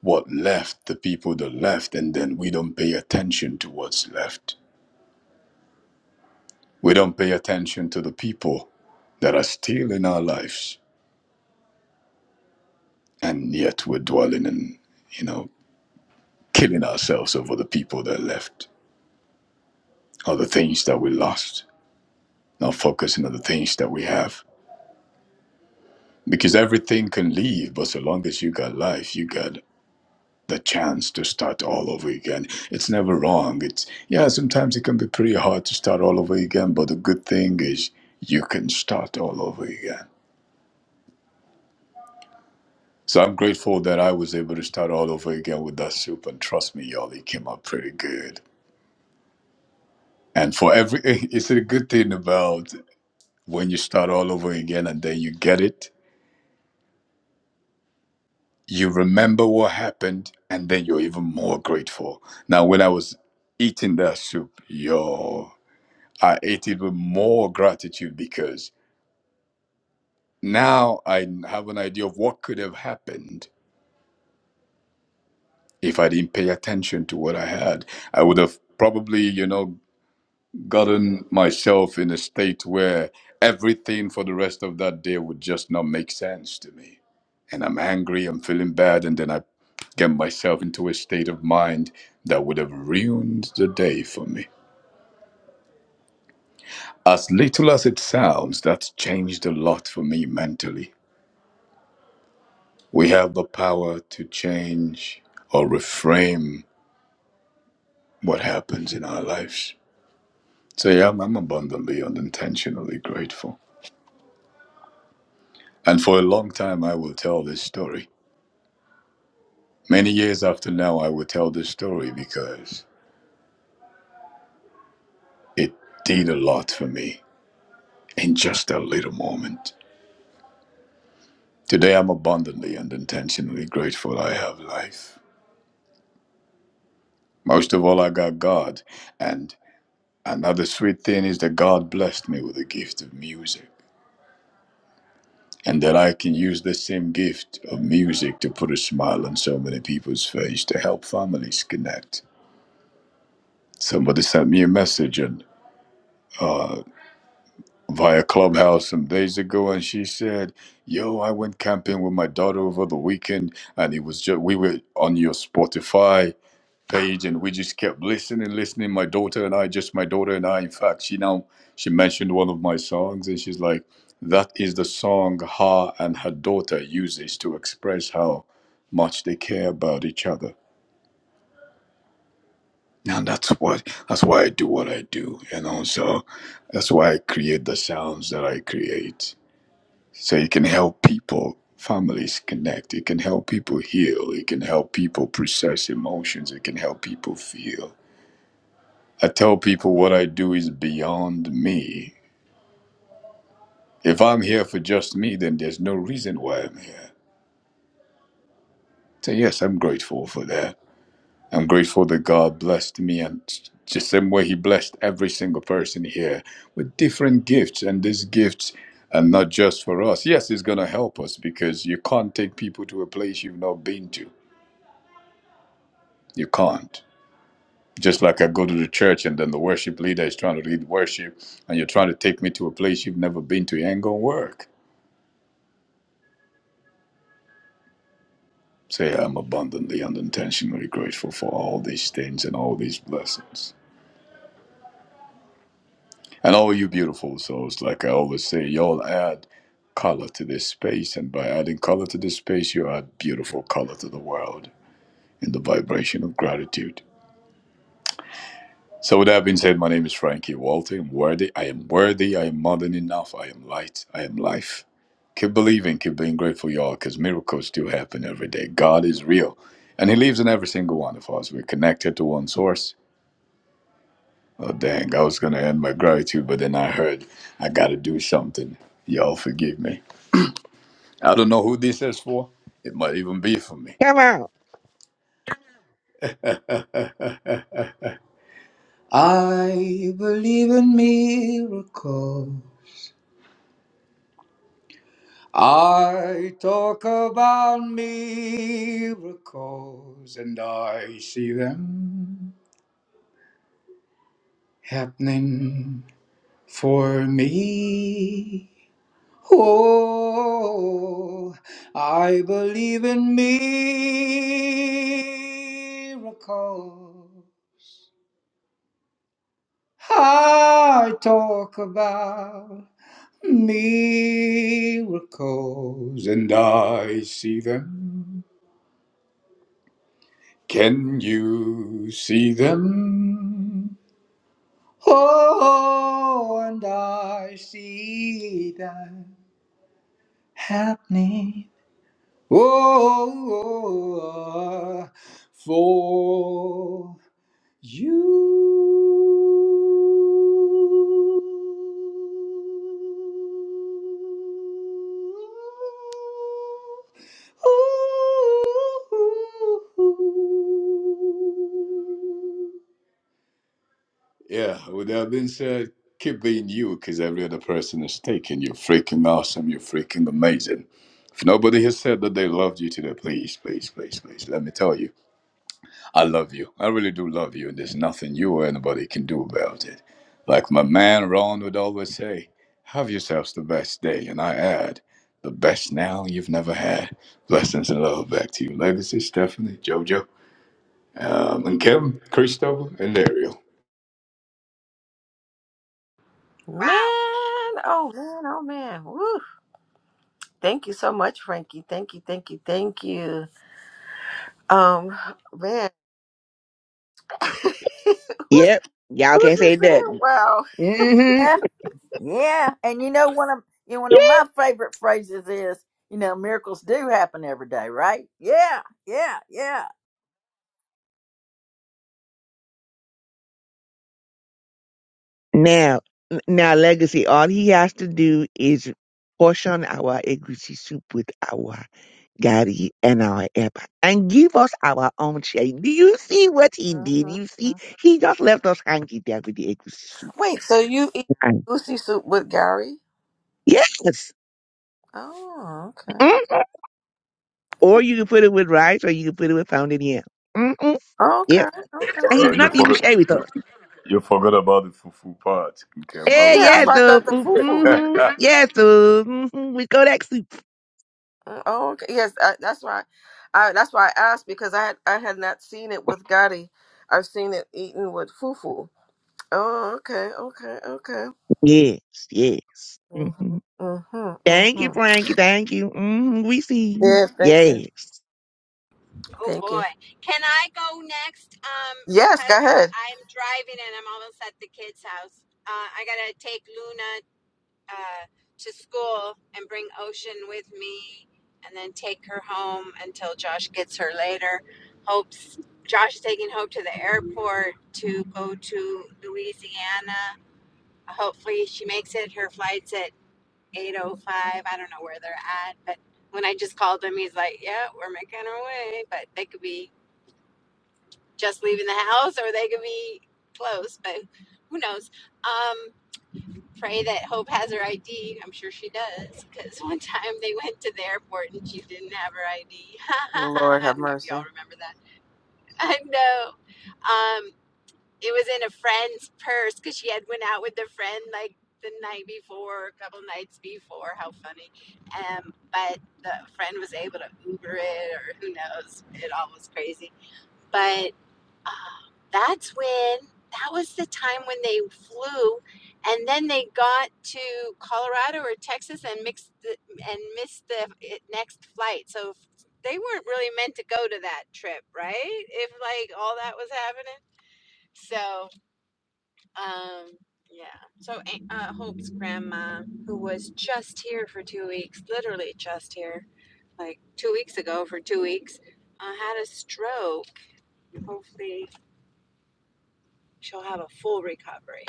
what left, the people that left, and then we don't pay attention to what's left. We don't pay attention to the people that are still in our lives, and yet we're dwelling and, you know, killing ourselves over the people that left, or the things that we lost, not focusing on the things that we have Because everything can leave, but so long as you got life, you got the chance to start all over again. It's never wrong. It's yeah, sometimes it can be pretty hard to start all over again, but the good thing is you can start all over again. So I'm grateful that I was able to start all over again with that soup and trust me, y'all, it came out pretty good. And for every it's a good thing about when you start all over again and then you get it you remember what happened and then you're even more grateful now when i was eating that soup yo i ate it with more gratitude because now i have an idea of what could have happened if i didn't pay attention to what i had i would have probably you know gotten myself in a state where everything for the rest of that day would just not make sense to me. And I'm angry, I'm feeling bad, and then I get myself into a state of mind that would have ruined the day for me. As little as it sounds, that's changed a lot for me mentally. We have the power to change or reframe what happens in our lives. So, yeah, I'm I'm abundantly and intentionally grateful. And for a long time, I will tell this story Many years after now, I will tell this story because it did a lot for me in just a little moment. Today, I'm abundantly and intentionally grateful I have life. Most of all, I got God. And another sweet thing is that God blessed me with the gift of music. And that I can use the same gift of music to put a smile on so many people's face, to help families connect. Somebody sent me a message and via Clubhouse some days ago, and she said, "Yo, I went camping with my daughter over the weekend, and it was just we were on your Spotify page, and we just kept listening, listening. My daughter and I, just my daughter and I. In fact, she now she mentioned one of my songs, and she's like, "That is the song her and her daughter uses to express how much they care about each other." And that's what that's why I do what I do, you know. So that's why I create the sounds that I create. So it can help people, families connect. It can help people heal. It can help people process emotions. It can help people feel. I tell people what I do is beyond me. If I'm here for just me, then there's no reason why I'm here. So, yes, I'm grateful for that. I'm grateful that God blessed me and the same way He blessed every single person here with different gifts. And these gifts are not just for us. Yes, it's going to help us because you can't take people to a place you've not been to You can't. Just like I go to the church and then the worship leader is trying to lead worship and you're trying to take me to a place you've never been to, it ain't gonna work. Say, I'm abundantly and intentionally grateful for all these things and all these blessings. And all you beautiful souls, like I always say, y'all add color to this space. And by adding color to this space, you add beautiful color to the world in the vibration of gratitude. So with that being said, my name is Frankie Walter. I'm worthy. I am worthy. I am more than enough. I am light. I am life. Keep believing. Keep being grateful, y'all, because miracles do happen every day. God is real, and He lives in every single one of us. We're connected to one source. Oh dang! I was gonna end my gratitude, but then I heard I gotta do something. Y'all forgive me. I don't know who this is for. It might even be for me. Come on. I believe in miracles. I talk about miracles and I see them happening for me. Oh, I believe in miracles. I talk about miracles and I see them Can you see them? Oh, and I see that happening. Oh, for you. Yeah, with that being said, keep being you because every other person is taken. You're freaking awesome. You're freaking amazing. If nobody has said that they loved you today, please, please, please, please, let me tell you, I love you. I really do love you, and there's nothing you or anybody can do about it. Like my man Ron would always say, have yourselves the best day, and I add, the best now you've never had. Blessings and love back to you, Legacy, Stephanie, JoJo, um, and Kevin, Christopher, and Ariel. Man, oh man, oh man. Woo. Thank you so much, Frankie. Thank you, thank you, thank you. Um, man. who's Yep. Y'all Who's can't say this that. man? Wow. Mm-hmm. yeah, yeah. And you know one of you know, one Yeah. of my favorite phrases is, you know, miracles do happen every day, right? Yeah, yeah, yeah. Now, now, legacy. All he has to do is portion our egusi soup with our gari and our eba, and give us our own share. Do you see what he did? Mhm, You see, mhm. he just left us hanging there with the egusi soup. Wait, so you eat And- goosey soup with Gary? yes. Oh, okay. Mhm. Or you can put it with rice, or you can put it with pounded yam. Mm-mm. Okay, Yep. okay. And he Uh, did you're okay. not even for share it. with us. You forgot about the fufu part, Kim. How Hey, how Yeah, could that's yes, why I so thought the fufu. you? mm-hmm. yes, so mm-hmm. we go that soup. Mm, Oh, okay. Yes, I, that's why. I that's why I asked because I had I had not seen it with Gotti. I've seen it eaten with fufu. Oh, okay, okay, okay. Yes, yes. Mhm, mhm, Thank mhm. you, Frankie. Thank you. Mm, we see you. Yeah, thank you. Yes. Oh Thank you. boy. Can I go next? Um, Yes, go cause ahead. I'm driving and I'm almost at the kids' house. Uh, I gotta take Luna uh, to school and bring Ocean with me, and then take her home until Josh gets her later. Hope's Josh is taking Hope to the airport to go to Louisiana. Hopefully, she makes it. Her flight's at eight oh five. I don't know where they're at, but when I just called him, he's like, "Yeah, we're making our way," but they could be just leaving the house or they could be close, but who knows? Um, pray that Hope has her ID. I'm sure she does because one time they went to the airport and she didn't have her ID. Lord I have don't know if mercy. y'all remember that. I know. Um, it was in a friend's purse because she had went out with a friend like the night before, a couple nights before. How funny. Um, but the friend was able to Uber it or who knows. It all was crazy but. Ah, that's when that was the time when they flew and then they got to Colorado or Texas and mixed the, and missed the eh, next flight. So they weren't really meant to go to that trip, right? If like all that was happening. So, um yeah. So uh, Hope's grandma who was just here for 2 weeks, literally just here like 2 weeks ago for 2 weeks, uh, had a stroke. Hopefully she'll have a full recovery.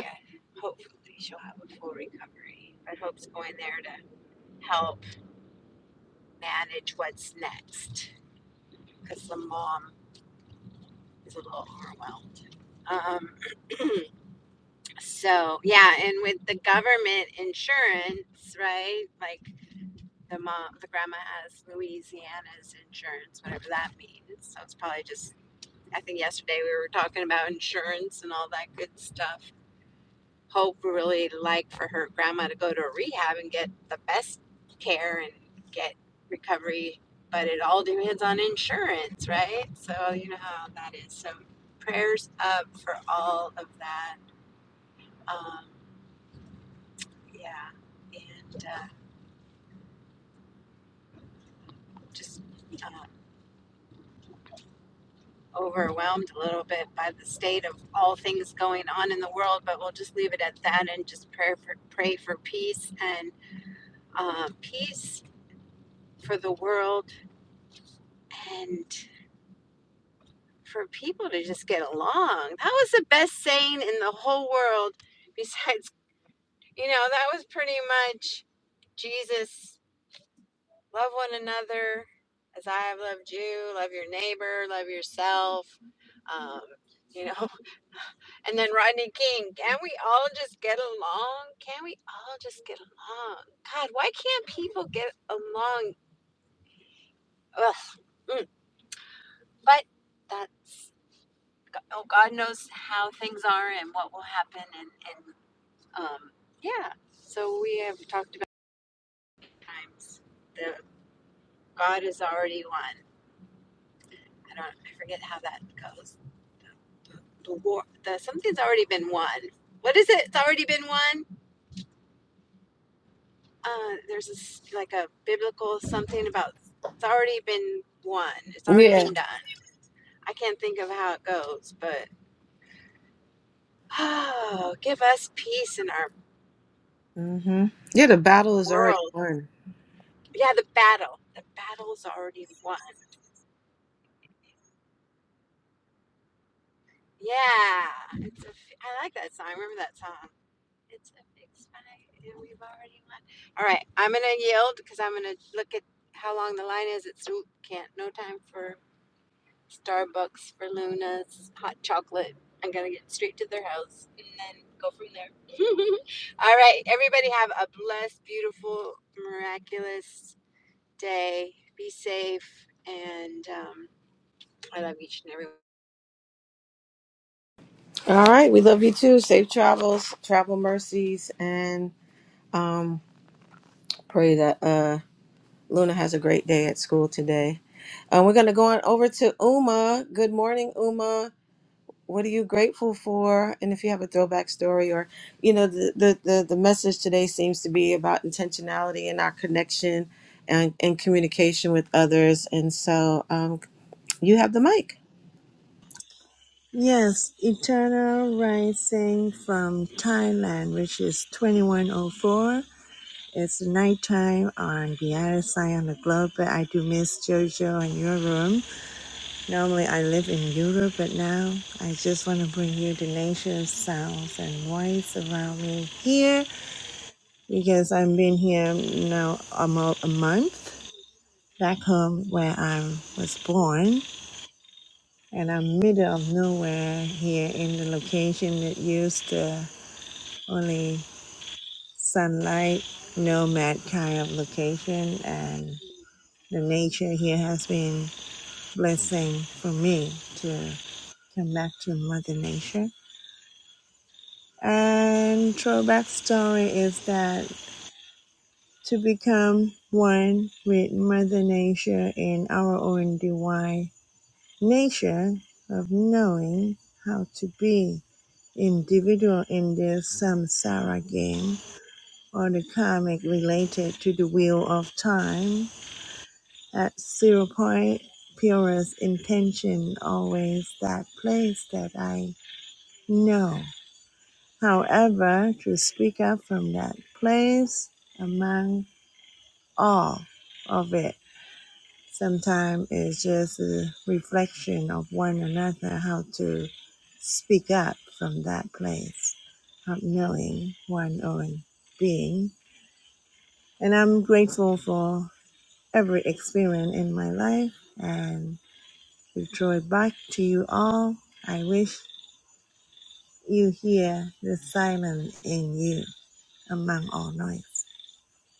Hopefully, she'll have a full recovery. But Hope's going there to help manage what's next because the mom is a little overwhelmed. Um, so yeah, and with the government insurance, right? Like the mom, the grandma has Louisiana's insurance, whatever that means. So it's probably just. I think yesterday we were talking about insurance and all that good stuff. Hope really like for her grandma to go to a rehab and get the best care and get recovery, but it all depends on insurance, right? So you know how that is. So prayers up for all of that. Um, yeah, and uh, just uh, overwhelmed a little bit by the state of all things going on in the world, but we'll just leave it at that and just pray for pray for peace and um, peace for the world and for people to just get along. That was the best saying in the whole world. Besides, you know, that was pretty much Jesus love one another as I have loved you, love your neighbor, love yourself. Um, you know, and then Rodney King, can we all just get along? Can we all just get along? God, why can't people get along? Ugh, mm. But that's, oh, God knows how things are and what will happen. and. and Um, yeah, so we have talked about times the God is already won. I don't, I forget how that goes. The the war, the something's already been won. What is it? It's already been won. Uh, there's this like a biblical something about it's already been won. It's already Yeah. been done. I can't think of how it goes, but oh, give us peace in our hmm Yeah, the battle is already world. won. Yeah, the battle. The battle's already won. Yeah, it's a f I like that song. I remember that song. It's a fixed fight, and we've already won. All right, I'm gonna yield because I'm gonna look at how long the line is. It's can't no time for Starbucks for Luna's hot chocolate. I'm gonna get straight to their house and then go from there. All right, everybody have a blessed, beautiful, miraculous day. Be safe, and um, I love each and every. one. All right, we love you too. Safe Travels, travel mercies, and um, pray that uh, Luna has a great day at school today. Um, we're gonna go on over to Uma. Good morning, Uma. what are you grateful for and if you have a throwback story or you know the the the, the message today seems to be about intentionality and our connection and, and communication with others and so um, you have the mic Yes, Eternal Rising from Thailand, which is 2104. It's nighttime on the other side of the globe, but I do miss JoJo and your room. Normally I live in Europe, but now I just want to bring you the nature's sounds and voice around me here because I've been here now almost a month back home where I was born and I'm middle of nowhere here in the location that used to only sunlight, nomad kind of location, and the nature here has been blessing for me to come back to Mother Nature. And throwback story is that to become one with Mother Nature in our own divine nature of knowing how to be individual in this samsara game or the karmic related to the wheel of time At zero point, purest intention always that place that I know. However, to speak up from that place among all of it, sometimes it's just a reflection of one another how to speak up from that place of knowing one own being. And I'm grateful for every experience in my life. and. Rejoice back to you all. I wish you hear the silence in you among all noise,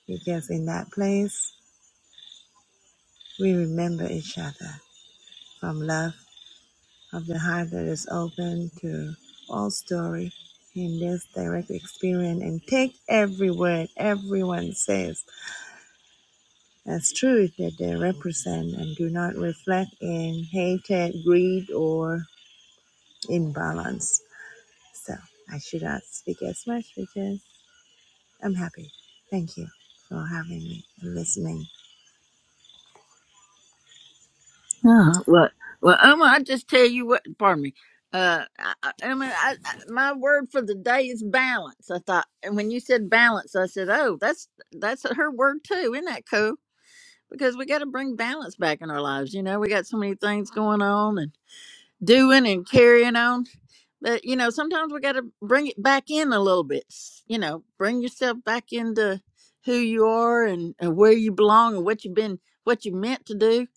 because in that place we remember each other from love of the heart that is open to all story in this direct experience and take every word everyone says as truth that they represent and do not reflect in hatred, greed, or imbalance. So I should not speak as much because I'm happy. Thank you for having me and listening. No, well, well, Uma, I just tell you what. Pardon me. Uh, I, I, Uma, I, I, my word for the day is balance. I thought, and when you said balance, I said, oh, that's that's her word too. Isn't that cool? Because we got to bring balance back in our lives. You know, we got so many things going on and doing and carrying on. But you know, sometimes we got to bring it back in a little bit. You know, bring yourself back into who you are and, and where you belong and what you've been, what you meant to do,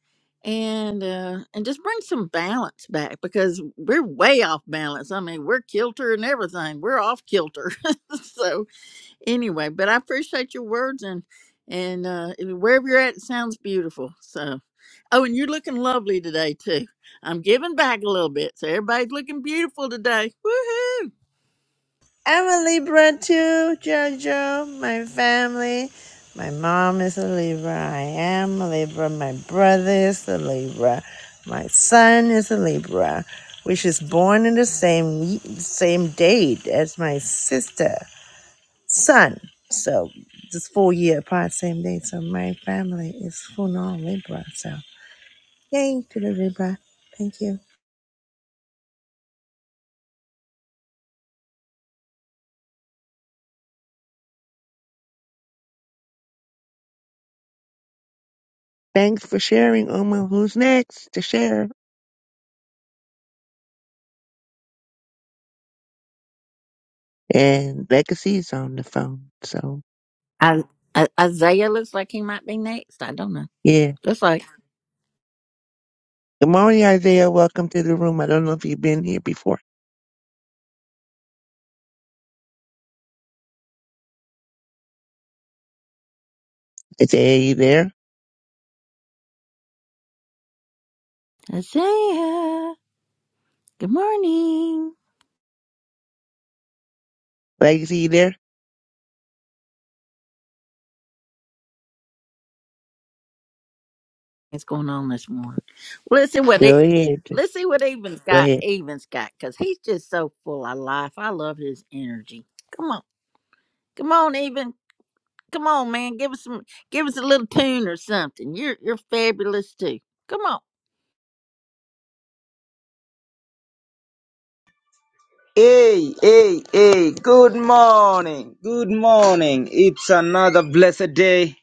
and uh, and just bring some balance back because we're way off balance. I mean, we're kilter and everything. We're off kilter. so anyway, but I appreciate your words and and uh, wherever you're at, it sounds beautiful. So. Oh, and you're looking lovely today too. I'm giving back a little bit, so everybody's looking beautiful today. Woohoo! I'm a Libra too, Jojo, my family. My mom is a Libra. I am a Libra. My brother is a Libra. My son is a Libra, which is born in the same same date as my sister son. So just four year apart, same date. So my family is full on Libra. So yay to the Libra. Thank you. Thanks for sharing, Uma. Who's next to share? And Legacy's on the phone. So, I, I, Isaiah looks like he might be next. I don't know. yeah. Looks like Good morning, Isaiah. Welcome to the room. I don't know if you've been here before. Isaiah, you there? Isaiah. Good morning. Legacy, you there? What's going on this morning? Well, let's see what it. Go ahead. Let's see what Evan's Go got. ahead. Evan's got because he's just so full of life. I love his energy. Come on, come on, Even. Come on, man. Give us some. Give us a little tune or something. You're you're fabulous too. Come on. Hey, hey, hey, good morning, good morning. It's another blessed day.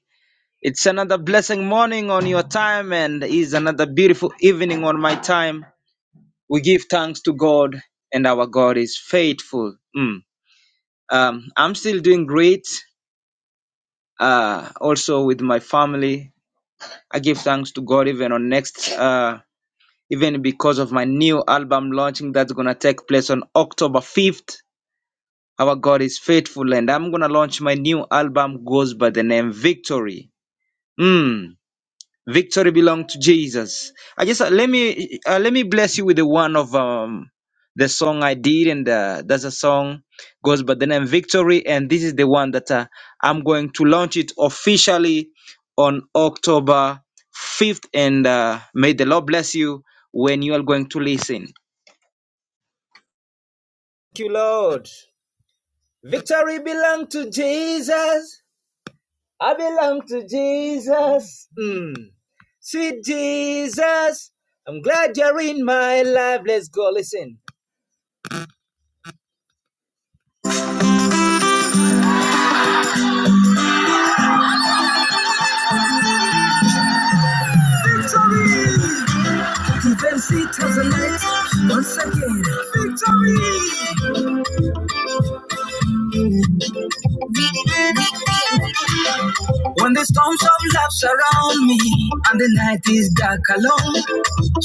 It's another blessing morning on your time, and is another beautiful evening on my time. We give thanks to God, and our God is faithful. Mm. Um, I'm still doing great, uh, also with my family. I give thanks to God even on next, uh, even because of my new album launching that's gonna take place on October 5th. Our God is faithful, and I'm gonna launch my new album goes by the name Victory. Mm, victory belongs to Jesus. I just uh, let me uh, let me bless you with the one of um the song I did, and uh, that's a song goes by the name Victory, and this is the one that uh, I'm going to launch it officially on October 5th, and uh, may the Lord bless you when you are going to listen. Thank you, Lord. Victory belongs to Jesus. I belong to Jesus. Mm. Sweet Jesus, I'm glad you're in my life. Let's go listen. Victory to them see tonight. Once again, victory. When the storms of life surround me and the night is dark alone,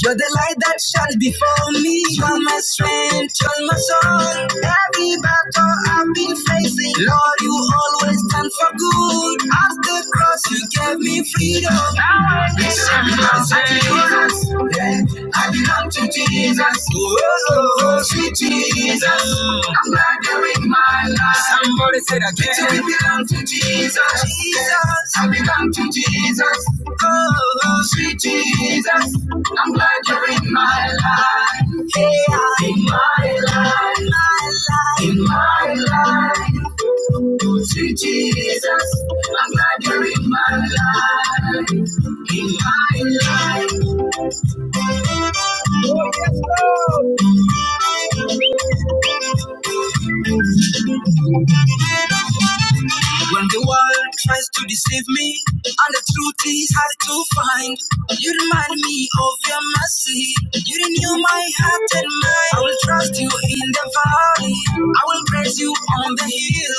you're the light that shines before me. You're my strength, you're my soul. Every battle I've been facing, Lord, you always stand for good. At the cross, you gave me freedom. Now I listen to Jesus. Yeah, I belong to Jesus. Oh, oh, oh, sweet Jesus. Jesus. I'm not doing my life. Somebody said again. To belong to Jesus. Jesus. I belong to Jesus. Oh, sweet Jesus. I'm glad you're in my life. Yeah. In my life. my life, In my life. Oh, Sweet Jesus, I'm glad you're in my life, in my life. Oh, yes, Lord. When the world tries to deceive me, and the truth is hard to find, you remind me of your mercy. You renew my heart and mind. I will trust you in the valley. I will praise you on the hill.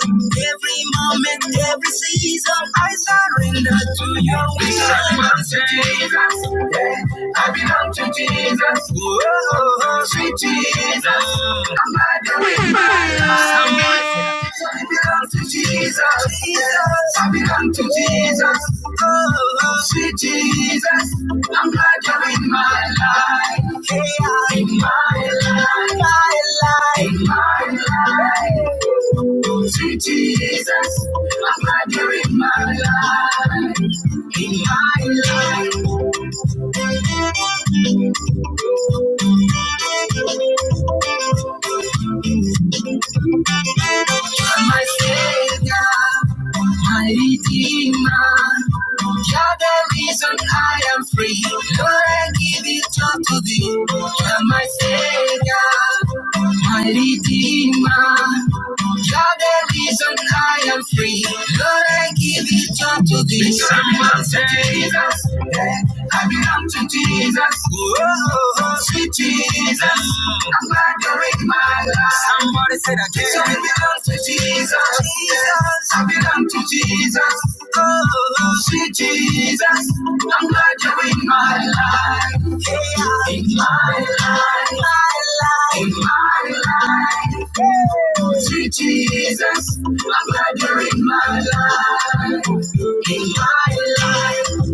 Every moment, every season, I surrender to your will. We surrender to Jesus. Yeah, I belong to Jesus. Whoa, sweet Jesus. I'm not doing my life. Somebody so it belongs to Jesus. I belong to Jesus. Oh, sweet Jesus. I'm not doing my life. Yeah. In my life. My life. In my life. Sweet Jesus. I'm not doing my life. In my life. my Savior, my Redeemer. You're the reason I am free. Lord, I give it all to thee. You're my Savior, my Redeemer. You're the reason I am free. Lord, I give it all to thee. You're my Savior. I belong to Jesus. Whoa, sweet Jesus. I'm glad you're in my life. Somebody said I can. So I belong to Jesus. Jesus. I belong to Jesus. Oh, sweet Jesus. I'm glad you're in my life. Yeah. In my life. My life. In my life. Oh, Sweet Jesus. I'm glad you're in my life. In my life.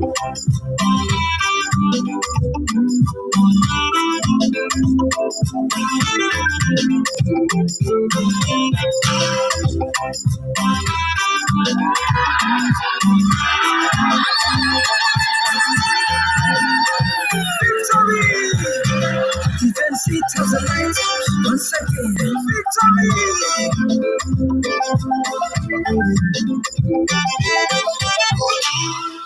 Victory! Defense it as a light. One second. Victory!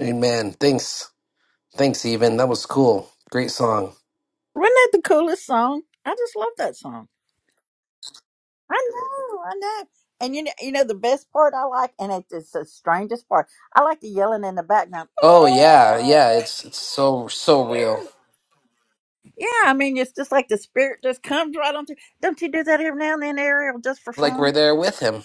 Amen. Thanks. Thanks, even. That was cool. Great song. Wasn't that the coolest song? I just love that song. I know, I know. And you know, you know the best part I like, and it's it's the strangest part. I like the yelling in the background. Oh yeah, yeah. It's it's so so real. Yeah, I mean, it's just like the spirit just comes right on through. Don't you do that every now and then, Ariel, just for Like fun? we're there with him.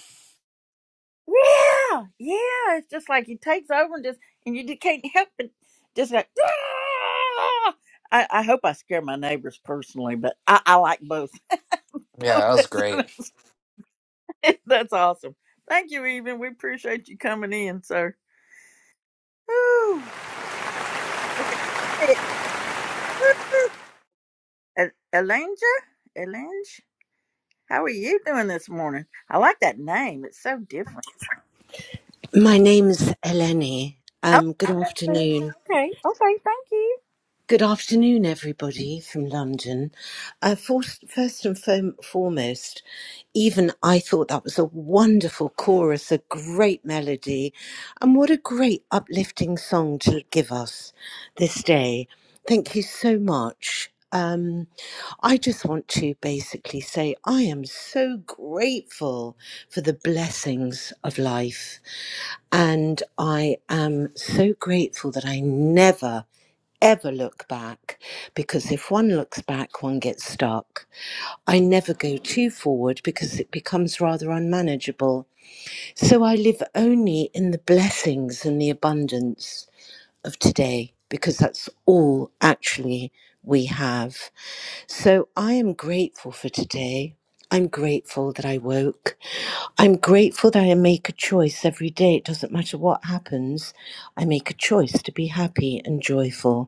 Yeah, yeah. It's just like he takes over and just, and you just can't help it. Just like, "Ah!" I, I hope I scare my neighbors personally, but I, I like both. Yeah, that was great. That's awesome. Thank you, even. We appreciate you coming in, sir. Whew. Okay. El- Elange? Elange? How are you doing this morning? I like that name. It's so different. My name's Eleni. Oh, Um, good okay. afternoon. Okay. Thank you. Good afternoon, everybody from London. Uh, first, first and fom- foremost, even I thought that was a wonderful chorus, a great melody, and what a great uplifting song to give us this day. Thank you so much. Um, I just want to basically say I am so grateful for the blessings of life. And I am so grateful that I never, ever look back because if one looks back, one gets stuck. I never go too forward because it becomes rather unmanageable. So I live only in the blessings and the abundance of today because that's all actually we have. So I am grateful for today. I'm grateful that I woke. I'm grateful that I make a choice every day. It doesn't matter what happens, I make a choice to be happy and joyful.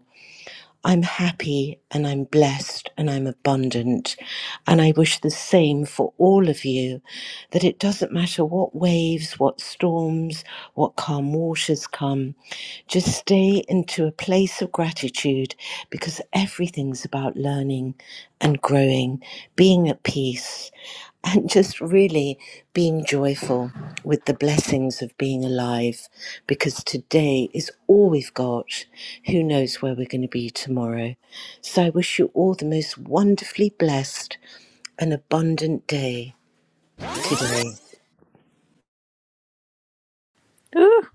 I'm happy and I'm blessed and I'm abundant. And I wish the same for all of you that it doesn't matter what waves, what storms, what calm waters come, just stay into a place of gratitude because everything's about learning and growing, being at peace and just really being joyful with the blessings of being alive because today is all we've got. Who knows where we're going to be tomorrow? So I wish you all the most wonderfully blessed and abundant day today. Ooh.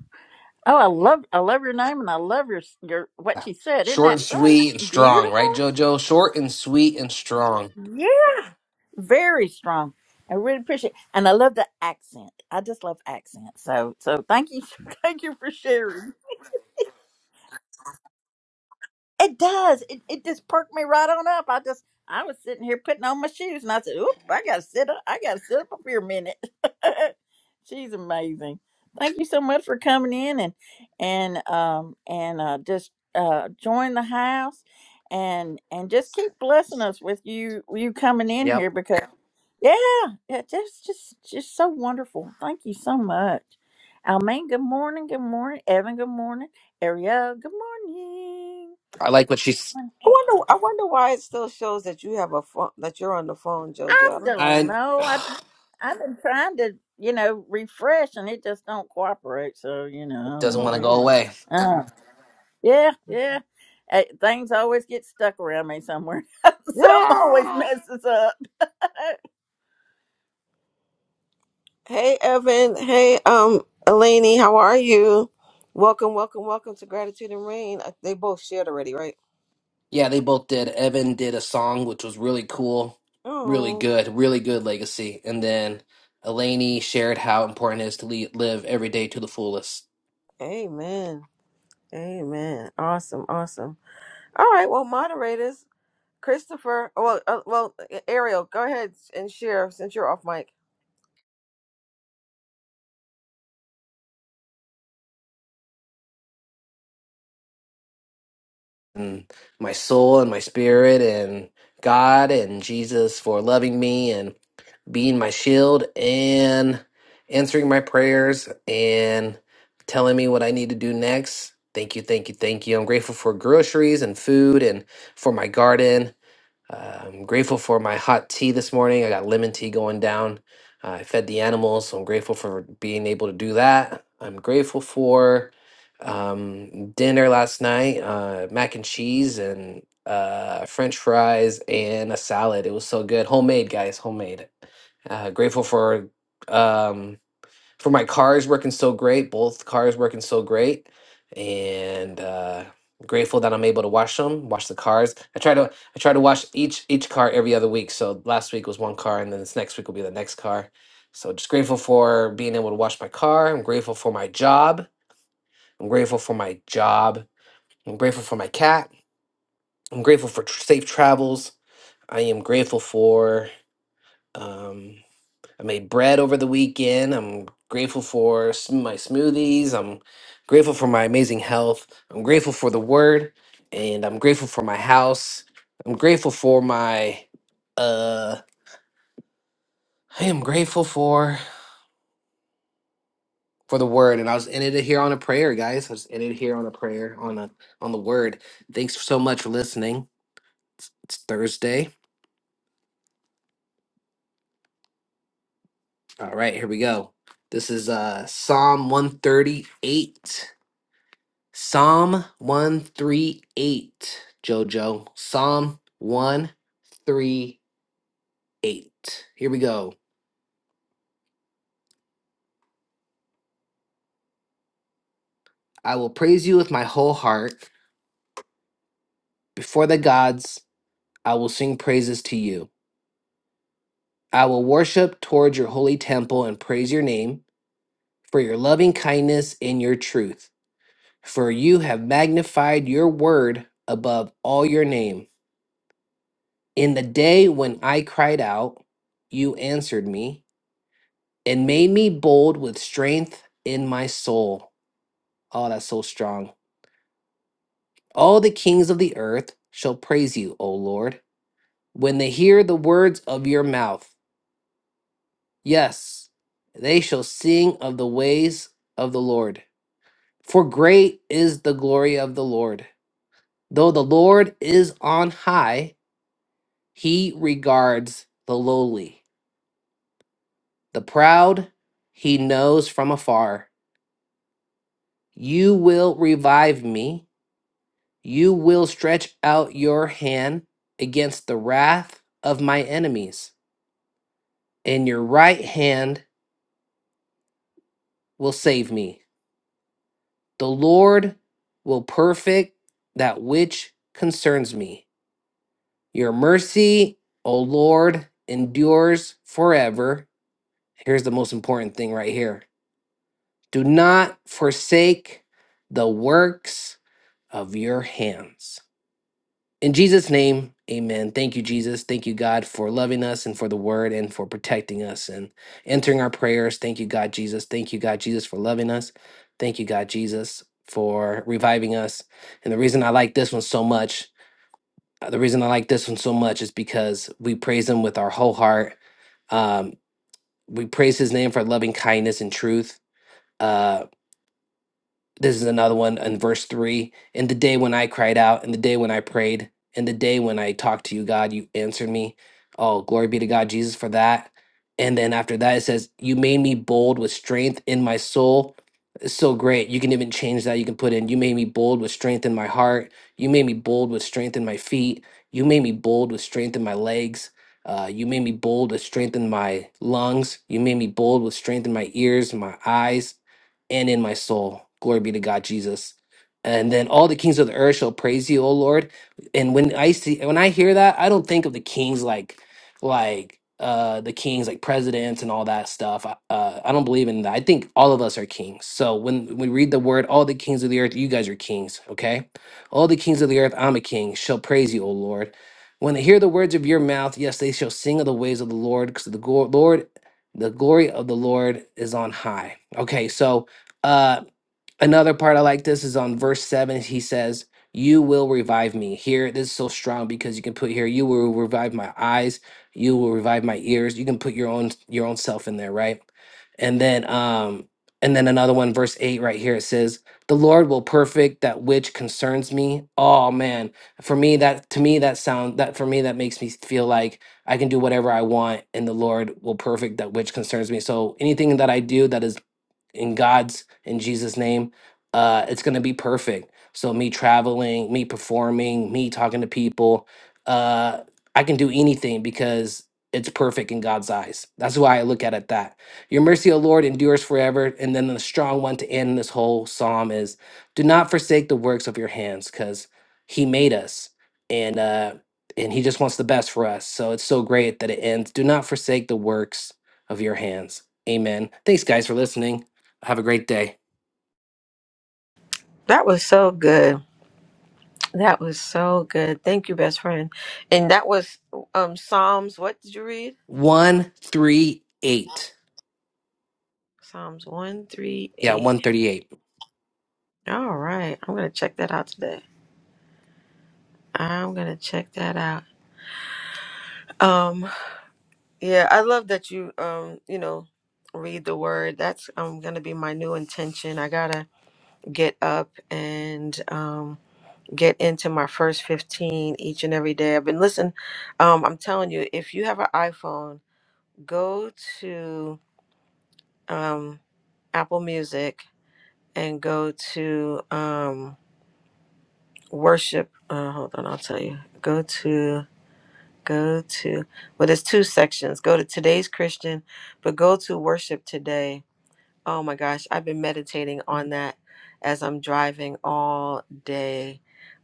Oh, I love I love your name and I love your your what she said. Isn't Short that and isn't sweet and that strong, beautiful? right, JoJo? Short and sweet and strong. Yeah. Very strong. I really appreciate and I love the accent. I just love accents. So so thank you thank you for sharing. It does. It, it just perked me right on up. I just I was sitting here putting on my shoes and I said, Oop, I gotta sit up I gotta sit up here a minute. She's amazing. Thank you so much for coming in and and um and uh just uh join the house and and just keep blessing us with you you coming in Yep. here because yeah, yeah, just just just so wonderful. Thank you so much. Almaine, good morning, good morning. Evan, good morning. Ariel, good morning. I like what she's. I I wonder. I wonder why it still shows that you have a phone. That you're on the phone, JoJo. don't I know. I I've been trying to, you know, refresh, and it just don't cooperate. So you know, I don't doesn't So want to know. go weird. away. Uh, yeah, yeah. Uh, things always get stuck around me somewhere. Something always Yeah. messes up. Hey, Evan. Hey, um, Elaney. How are you? Welcome, welcome, welcome to Gratitude and Rain. Uh, They both shared already, right? Yeah, they both did. Evan did a song which was really cool, really Oh, good, really good legacy. And then Elaney shared how important it is to le- live every day to the fullest. amen. Amen. Awesome. Awesome. All right. Well, moderators, Christopher. Well, uh, well, Ariel, go ahead and share since you're off mic. And my soul and my spirit and God and Jesus for loving me and being my shield and answering my prayers and telling me what I need to do next. Thank you, thank you, thank you. I'm grateful for groceries and food and for my garden Uh, I'm grateful for my hot tea this morning. I got lemon tea going down. I fed the animals, so I'm grateful for being able to do that. I'm grateful for um, dinner last night uh, mac and cheese and uh, french fries and a salad. It was so good. Homemade, guys, homemade. Uh, grateful for. Um, for my cars working so great, both cars working so great, and uh, grateful that I'm able to wash them, wash the cars. I try to I try to wash each each car every other week. So last week was one car, and then this next week will be the next car. So just grateful for being able to wash my car. I'm grateful for my job. I'm grateful for my job. I'm grateful for my cat. I'm grateful for tr- safe travels. I am grateful for. um, I made bread over the weekend. I'm grateful for s- my smoothies. I'm grateful for my amazing health. I'm grateful for the word and I'm grateful for my house. I'm grateful for my uh I am grateful for for the word and I was ended it here on a prayer, guys. I just ended here on a prayer on a on the word. Thanks so much for listening. It's Thursday. All right, here we go. This is uh Psalm 138 Psalm 138, Jojo. Psalm 138. Here we go. I will praise you with my whole heart. Before the gods, I will sing praises to you. I will worship towards your holy temple and praise your name for your loving kindness and your truth. For you have magnified your word above all your name. In the day when I cried out, you answered me. and made me bold with strength in my soul. Oh, that's so strong. All the kings of the earth shall praise you, O Lord, when they hear the words of your mouth. Yes, they shall sing of the ways of the Lord. For great is the glory of the Lord. Though the Lord is on high, he regards the lowly. The proud he knows from afar. You will revive me You will stretch out your hand against the wrath of my enemies, and your right hand will save me. The Lord will perfect that which concerns me. Your mercy, O Lord, endures forever. Here's the most important thing right here do not forsake the works of your hands. In Jesus' name, amen. Thank you, Jesus. Thank you, God, for loving us and for the word and for protecting us and answering our prayers. Thank you, God, Jesus. Thank you, God, Jesus, for loving us. Thank you, God, Jesus, for reviving us. And the reason I like this one so much, uh, the reason I like this one so much is because we praise Him with our whole heart. Um, we praise His name for loving kindness and truth. Uh, this is another one in verse 3. In the day when I cried out, in the day when I prayed, in the day when I talked to you, God, you answered me. Oh, glory be to God, Jesus, for that. And then after that, it says, You made me bold with strength in my soul. It's so great. You can even change that. You can put in, You made me bold with strength in my heart. You made me bold with strength in my feet. You made me bold with strength in my legs. Uh, you made me bold with strength in my lungs. You made me bold with strength in my ears and my eyes and in my soul. Glory be to God, Jesus. And then all the kings of the earth shall praise you, O Lord. And when I see when I hear that, I don't think of the kings like like uh the kings like presidents and all that stuff. I- Uh, I don't believe in that. I think all of us are kings. So when we read the word, all the kings of the earth, you guys are kings, okay? All the kings of the earth, I'm a king, shall praise you, O Lord. When they hear the words of your mouth, yes, they shall sing of the ways of the Lord, because the go- Lord the glory of the Lord is on high. Okay, so uh, another part I like this is on verse seven. He says, "You will revive me." Here, this is so strong because you can put here, "You will revive my eyes. You will revive my ears." You can put your own your own self in there, right? And then, um, and then another one, verse eight, right here. It says, "The Lord will perfect that which concerns me." Oh man, for me that to me that sound that for me that makes me feel like I can do whatever I want, and the Lord will perfect that which concerns me. So anything that I do that is in God's in Jesus name, uh, it's gonna be perfect. So me traveling, me performing, me talking to people, uh, I can do anything because it's perfect in God's eyes. That's why I look at it that. Your mercy, O Lord, endures forever. And then the strong one to end this whole psalm is, do not forsake the works of your hands, because He made us, and uh, and He just wants the best for us. So it's so great that it ends. Do not forsake the works of your hands. Amen. Thanks, guys, for listening. Have a great day. That was so good. That was so good. Thank you, best friend. And that was um Psalms. What did you read? 138. Psalms one three Yeah, eight. 138. All right, I'm gonna check that out today. I'm gonna check that out. Um, yeah, I love that you um you know read the word. That's um gonna be my new intention. I gotta get up and um, get into my first 15 each and every day. I've been listening. Um, I'm telling you, if you have an iPhone, go to um, Apple Music and go to um, worship. Uh, hold on, I'll tell you. Go to go to well there's two sections go to today's christian but go to worship today Oh my gosh, I've been meditating on that as I'm driving all day,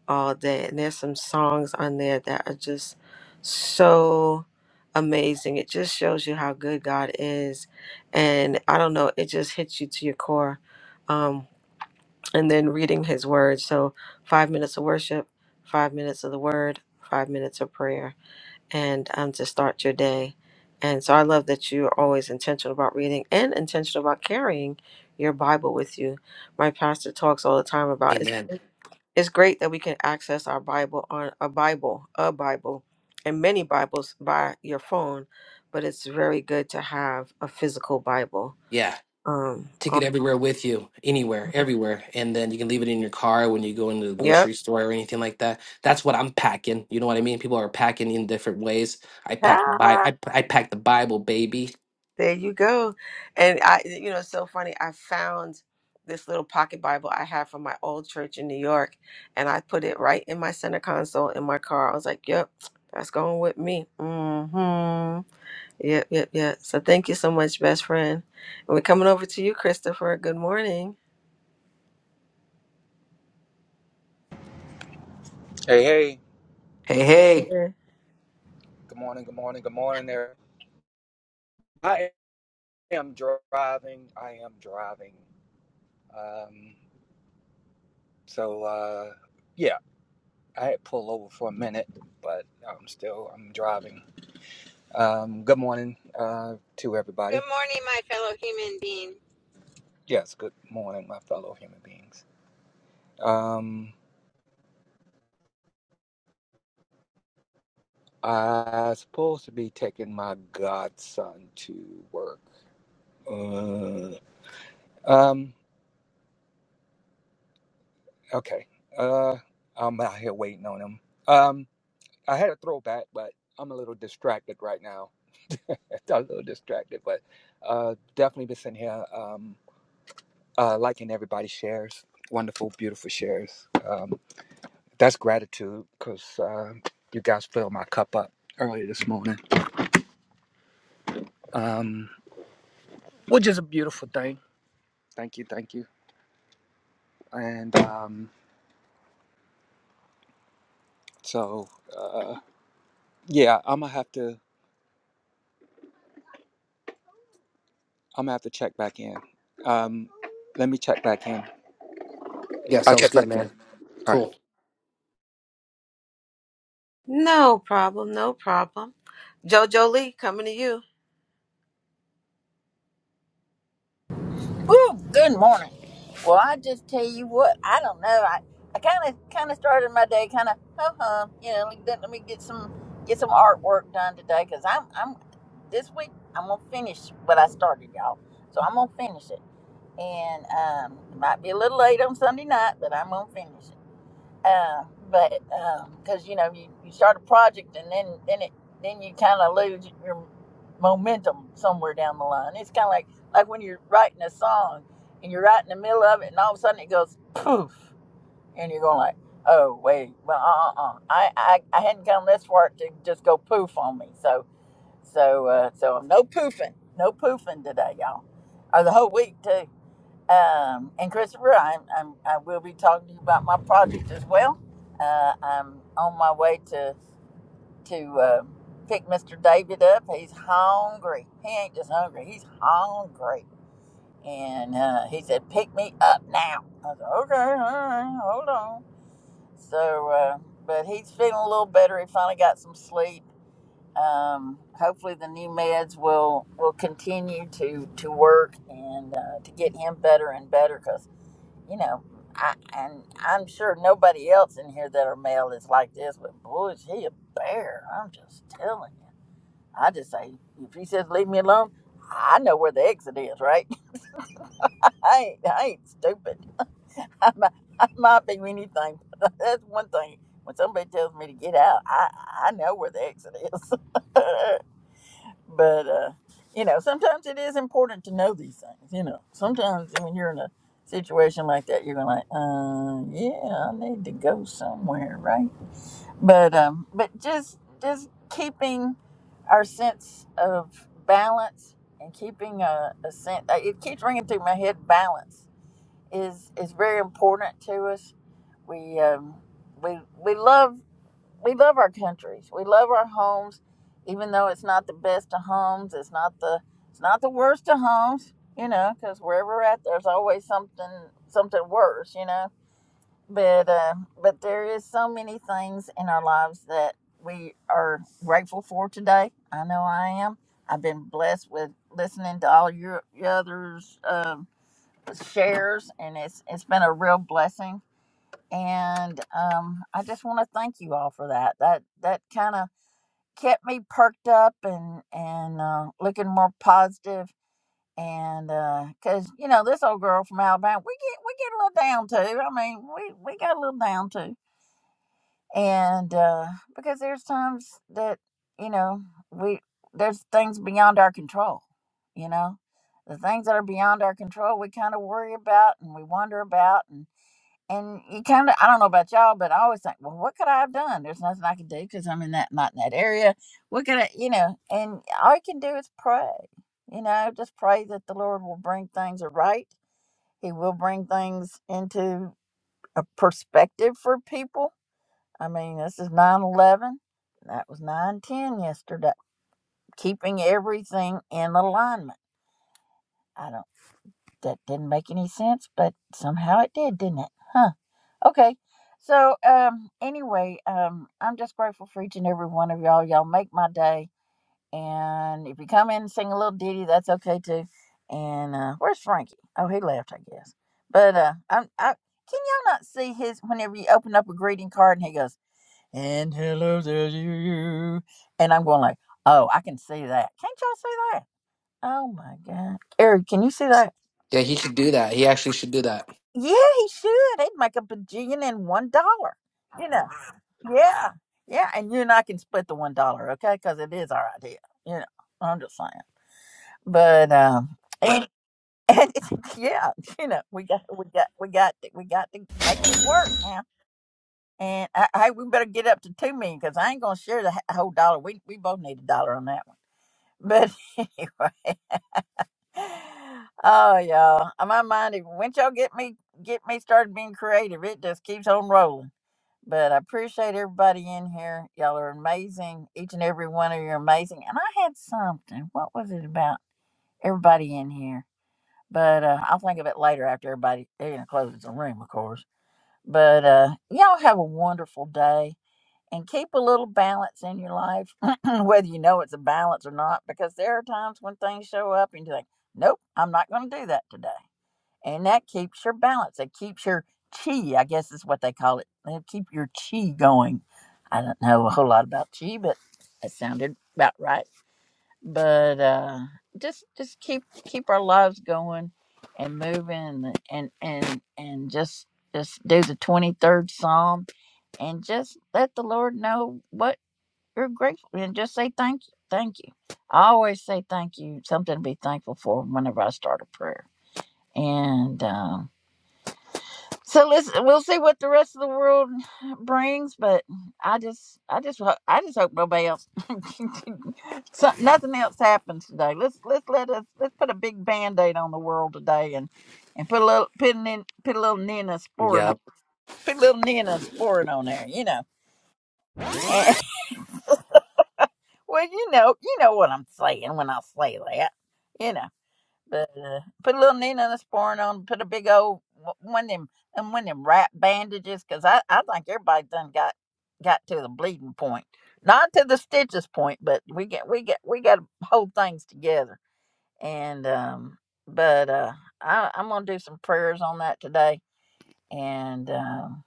all day. And there's some songs on there that are just so amazing. It just shows you how good God is. And I don't know, it just hits you to your core. Um, and then reading his word. So, five minutes of worship, five minutes of the word, five minutes of prayer and um, to start your day. And so I love that you're always intentional about reading and intentional about carrying your Bible with you. My pastor talks all the time about Amen. it's, it's great that we can access our Bible on a Bible, a Bible, and many Bibles by your phone, but it's very good to have a physical Bible. Yeah. Um, Take it on everywhere with you, anywhere, everywhere. And then you can leave it in your car when you go into the yep. grocery store or anything like that. That's what I'm packing. You know what I mean? People are packing in different ways. I pack Bi- I, I pack the Bible, baby. There you go. And I, you know, it's so funny. I found this little pocket Bible I had from my old church in New York, and I put it right in my center console in my car. I was like, yep, that's going with me. hmm Yep, yep, yep. So thank you so much, best friend. And we're coming over to you, Christopher. Good morning. Hey, hey. Hey, hey. Yeah. Good morning, good morning, good morning there. I am driving. I am driving. Um, so, uh, yeah, I had pulled over for a minute, but I'm still, I'm driving. Um, good morning uh, to Good everybody. morning, my fellow human being. Yes, good morning, my fellow human beings. Um, I'm supposed to be taking my godson to work. Uh, um, Okay. Uh, I'm out here waiting on him. Um, I had a throwback, but I'm a little distracted right now. I'm a little distracted, but uh, definitely been sitting here um, uh, liking everybody's shares. Wonderful, beautiful shares. Um, that's gratitude because uh, you guys filled my cup up early this morning, um, which is a beautiful thing. Thank you, thank you. And um, so, uh, yeah, I'm gonna have to. I'm gonna have to check back in. Um, let me check back in. I'll check back in. All right. Cool. No problem. No problem. Jojo Lee, coming to you. Ooh, good morning. Well, I just tell you what. I don't know. I I kind of kind of started my day kind of hum huh. You know, like, let let me get some get some artwork done today because I'm I'm this week I'm gonna finish what I started, y'all. So I'm gonna finish it. and um, it might be a little late on Sunday night, but I'm gonna finish it. Uh, but because um, you know you, you start a project and then then it then you kind of lose your momentum somewhere down the line. It's kind of like like when you're writing a song and you're right in the middle of it, and all of a sudden it goes poof, and you're going like, oh wait, well uh uh, uh. I, I I hadn't come this far to just go poof on me. So so uh, so no poofing, no poofing today, y'all, or the whole week too. Um, and Christopher, I'm, I'm, I will be talking to you about my project as well. Uh, I'm on my way to to uh, pick Mr. David up. He's hungry. He ain't just hungry. He's hungry. And uh, he said, "Pick me up now." I said, "Okay, all right, hold on." So, uh, but he's feeling a little better. He finally got some sleep. Um, hopefully, the new meds will will continue to to work and uh, to get him better and better because you know, I, and I'm sure nobody else in here that are male is like this, but boy, is he a bear. I'm just telling you. I just say, if he says leave me alone, I know where the exit is, right? I ain't, I ain't stupid. I might, I might be anything. But that's one thing. When somebody tells me to get out, I, I know where the exit is. but uh, you know, sometimes it is important to know these things. You know, sometimes when you're in a situation like that, you're going like, uh, yeah, I need to go somewhere, right? But um, but just just keeping our sense of balance and keeping a, a sense. It keeps ringing through my head. Balance is is very important to us. We um, we we love we love our countries. We love our homes, even though it's not the best of homes. It's not the it's not the worst of homes, you know, because wherever we're at, there's always something something worse, you know. But uh, but there is so many things in our lives that we are grateful for today. I know I am. I've been blessed with listening to all your, your others' um shares, and it's it's been a real blessing and um, I just want to thank you all for that. That that kind of kept me perked up and and uh, looking more positive. And because uh, you know this old girl from Alabama, we get we get a little down too. I mean, we we got a little down too. And uh, because there's times that you know we there's things beyond our control. You know, the things that are beyond our control, we kind of worry about and we wonder about and you kind of i don't know about y'all but i always think well what could i have done there's nothing i could do because i'm in that not in that area what could i you know and all you can do is pray you know just pray that the lord will bring things right he will bring things into a perspective for people i mean this is nine eleven. that was nine ten yesterday keeping everything in alignment i don't that didn't make any sense but somehow it did didn't it huh Okay. So um anyway, um I'm just grateful for each and every one of y'all. Y'all make my day. And if you come in and sing a little ditty, that's okay too. And uh where's Frankie? Oh, he left, I guess. But uh I'm I can y'all not see his whenever you open up a greeting card and he goes, And hello to you and I'm going like, Oh, I can see that. Can't y'all see that? Oh my god. Eric, can you see that? Yeah, he should do that. He actually should do that. Yeah, he should. He'd make a bajillion and one dollar. You know. Yeah, yeah, and you and I can split the one dollar, okay? Because it is our idea. You know, I'm just saying. But um, and, and yeah, you know, we got we got we got to, we got to make it work now. And I, hey, we better get up to two million because I ain't gonna share the h- whole dollar. We we both need a dollar on that one. But anyway, oh y'all, my mind. is- Once y'all get me get me started being creative, it just keeps on rolling. But I appreciate everybody in here. Y'all are amazing. Each and every one of you are amazing. And I had something. What was it about everybody in here? But uh, I'll think of it later after everybody they're gonna closes the room, of course. But uh, y'all have a wonderful day and keep a little balance in your life, whether you know it's a balance or not, because there are times when things show up and you're like, nope, I'm not going to do that today and that keeps your balance. It keeps your chi, I guess is what they call it. It'll keep your chi going. I don't know a whole lot about chi, but that sounded about right. But uh, just just keep keep our lives going and moving and and and just just do the twenty third psalm and just let the Lord know what you're grateful and just say thank you, thank you. I always say thank you, something to be thankful for whenever I start a prayer. And um, so let's we'll see what the rest of the world brings, but I just I just ho- I just hope nobody else so, nothing else happens today. Let's let's let us let's put a big band-aid on the world today and and put a little put a, nin- put a little ninosporin on Yep. put a little ninosporin on there, you know. well, you know you know what I'm saying when I say that, you know. But uh, put a little needle and a sporn on. 'em, Put a big old wh- one of them and one of them wrap bandages, cause I I think everybody done got got to the bleeding point, not to the stitches point, but we get we get we got to hold things together. And um, but uh, I I'm gonna do some prayers on that today, and um,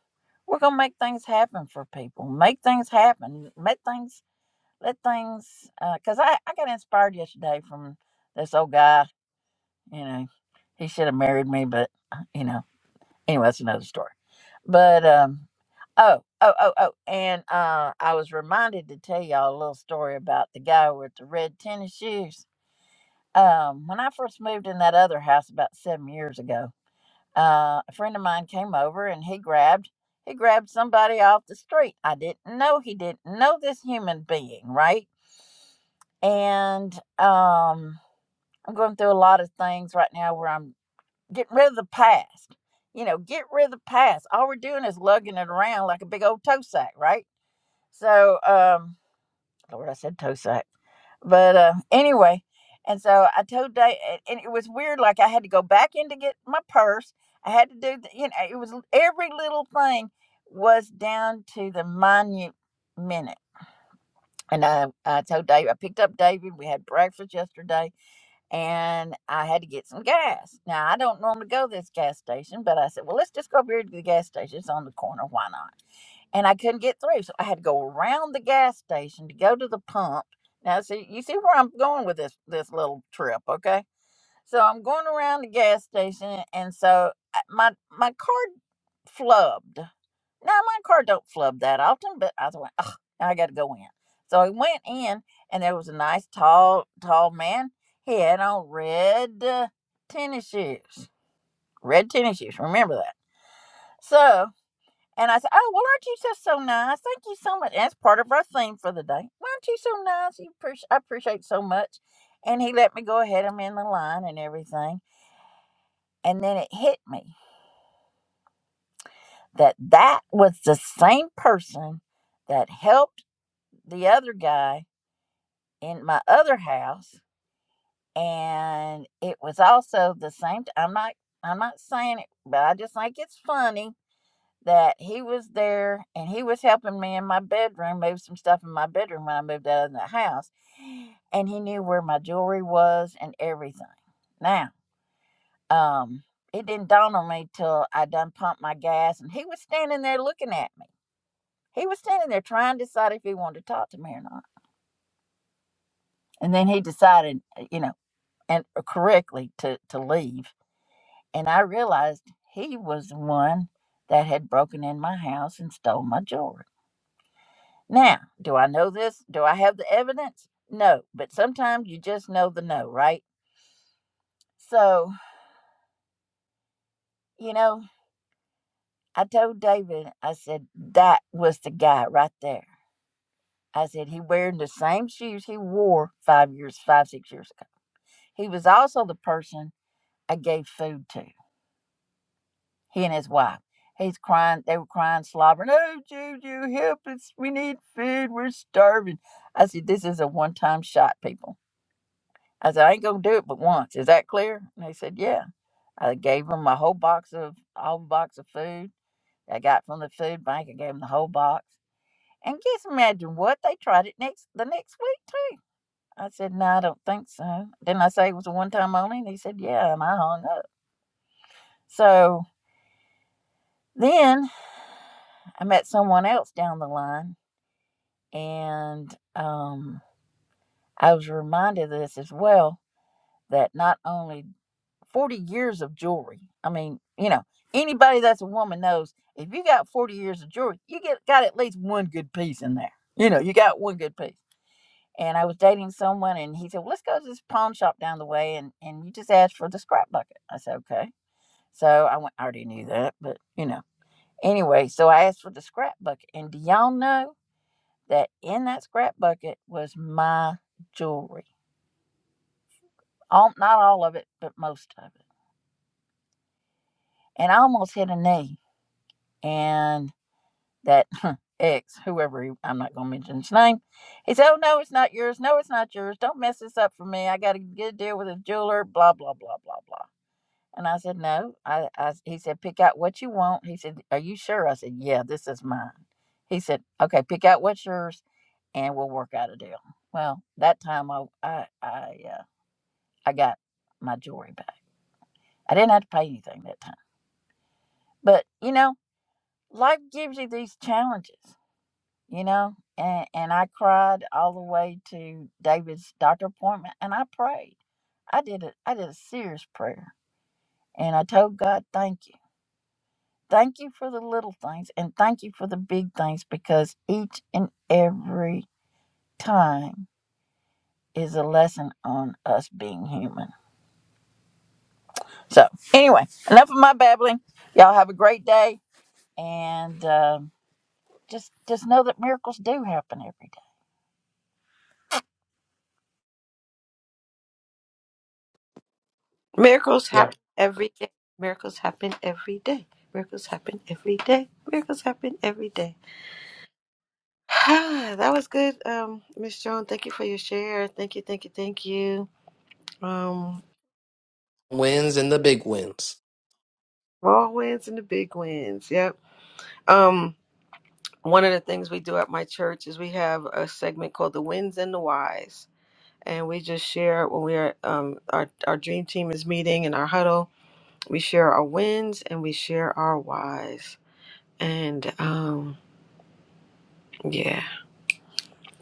we're gonna make things happen for people. Make things happen. Make things let things. Uh, cause I I got inspired yesterday from this old guy you know, he should have married me, but you know, anyway, that's another story. But um, oh, oh, oh, oh, and uh, I was reminded to tell y'all a little story about the guy with the red tennis shoes. Um, when I first moved in that other house about seven years ago, uh, a friend of mine came over and he grabbed he grabbed somebody off the street. I didn't know he didn't know this human being, right? And um, I'm going through a lot of things right now where I'm Get rid of the past. You know, get rid of the past. All we're doing is lugging it around like a big old toe sack, right? So, um, Lord, I said toe sack. But uh, anyway, and so I told Dave, and it was weird. Like I had to go back in to get my purse. I had to do, the, you know, it was every little thing was down to the minute minute. And I, I told Dave, I picked up David. We had breakfast yesterday and I had to get some gas. Now I don't normally go to this gas station, but I said, well, let's just go up here to the gas station. It's on the corner. Why not? And I couldn't get through, so I had to go around the gas station to go to the pump. Now, see, you see where I'm going with this this little trip, okay? So I'm going around the gas station, and so I- my my card flubbed. Now my car don't flub that often, but I went, oh, I got to go in. So I went in, and there was a nice tall tall man. He had on red uh, tennis shoes, red tennis shoes. Remember that. So. And I said, Oh, well, aren't you just so nice? Thank you so much. And that's part of our theme for the day. Why aren't you so nice? You appreci- I appreciate so much. And he let me go ahead. I'm in the line and everything. And then it hit me that that was the same person that helped the other guy in my other house. And it was also the same. T- I'm not. I'm not saying it, but I just think it's funny that he was there and he was helping me in my bedroom move some stuff in my bedroom when I moved out of the house, and he knew where my jewelry was and everything. Now, um, it didn't dawn on me till I done pumped my gas, and he was standing there looking at me. He was standing there trying to decide if he wanted to talk to me or not. And then he decided, uh, you know, and uh, correctly to, to leave. And I realized he was the one that had broken in my house and stole my jewelry. Now, do I know this? Do I have the evidence? No, but sometimes you just know the no, right? So, you know, I told David, I said, that was the guy right there. I said, he wearing the same shoes he wore five years, five, six years ago. He was also the person I gave food to. He and his wife. He's crying. They were crying, slobbering. Oh, Juju, help us! We need food. We're starving. I said, this is a one-time shot, people. I said, I ain't gonna do it but once. Is that clear? And they said, yeah. I gave them a whole box of whole box of food I got from the food bank. I gave them the whole box. And just imagine what they tried it next the next week too. I said, no, I don't think so. Didn't I say it was a one-time only? And he said, yeah. And I hung up. So then I met someone else down the line, and um, I was reminded of this as well that not only 40 years of jewelry, I mean, you know, anybody that's a woman knows if you got 40 years of jewelry, you get got at least one good piece in there. You know, you got one good piece. And I was dating someone, and he said, well, Let's go to this pawn shop down the way, and, and you just ask for the scrap bucket. I said, Okay. So I went, I already knew that, but you know. Anyway, so I asked for the scrap bucket. And do y'all know? that in that scrap bucket was my jewelry. All, not all of it, but most of it. And I almost hit a knee. And that ex, whoever he, I'm not going to mention his name, he said, Oh, no, it's not yours. No, it's not yours. Don't mess this up for me. I got to get a deal with a jeweler, blah, blah, blah, blah, blah. And I said, No. I, I, he said, Pick out what you want. He said, Are you sure? I said, Yeah, this is mine. He said, Okay, pick out what's yours and we'll work out a deal. Well, that time I, I, I, uh, I got my jewelry back. I didn't have to pay anything that time. But you know, life gives you these challenges, you know. And and I cried all the way to David's doctor appointment and I prayed. I did a I did a serious prayer and I told God, Thank you. Thank you for the little things and thank you for the big things because each and every time is a lesson on us being human. So anyway, enough of my babbling. Y'all have a great day and um just just know that miracles do happen every day. Miracles happen every day. Miracles happen every day. Miracles happen every day. Miracles happen every day. that was good, um, Miss Joan. Thank you for your share. Thank you, thank you, thank you. Um, wins and the big wins. small wins and the big wins. Yep. Um, one of the things we do at my church is we have a segment called the Wins and the Whys, and we just share when we are um our our dream team is meeting in our huddle. We share our wins and we share our whys, and um, yeah,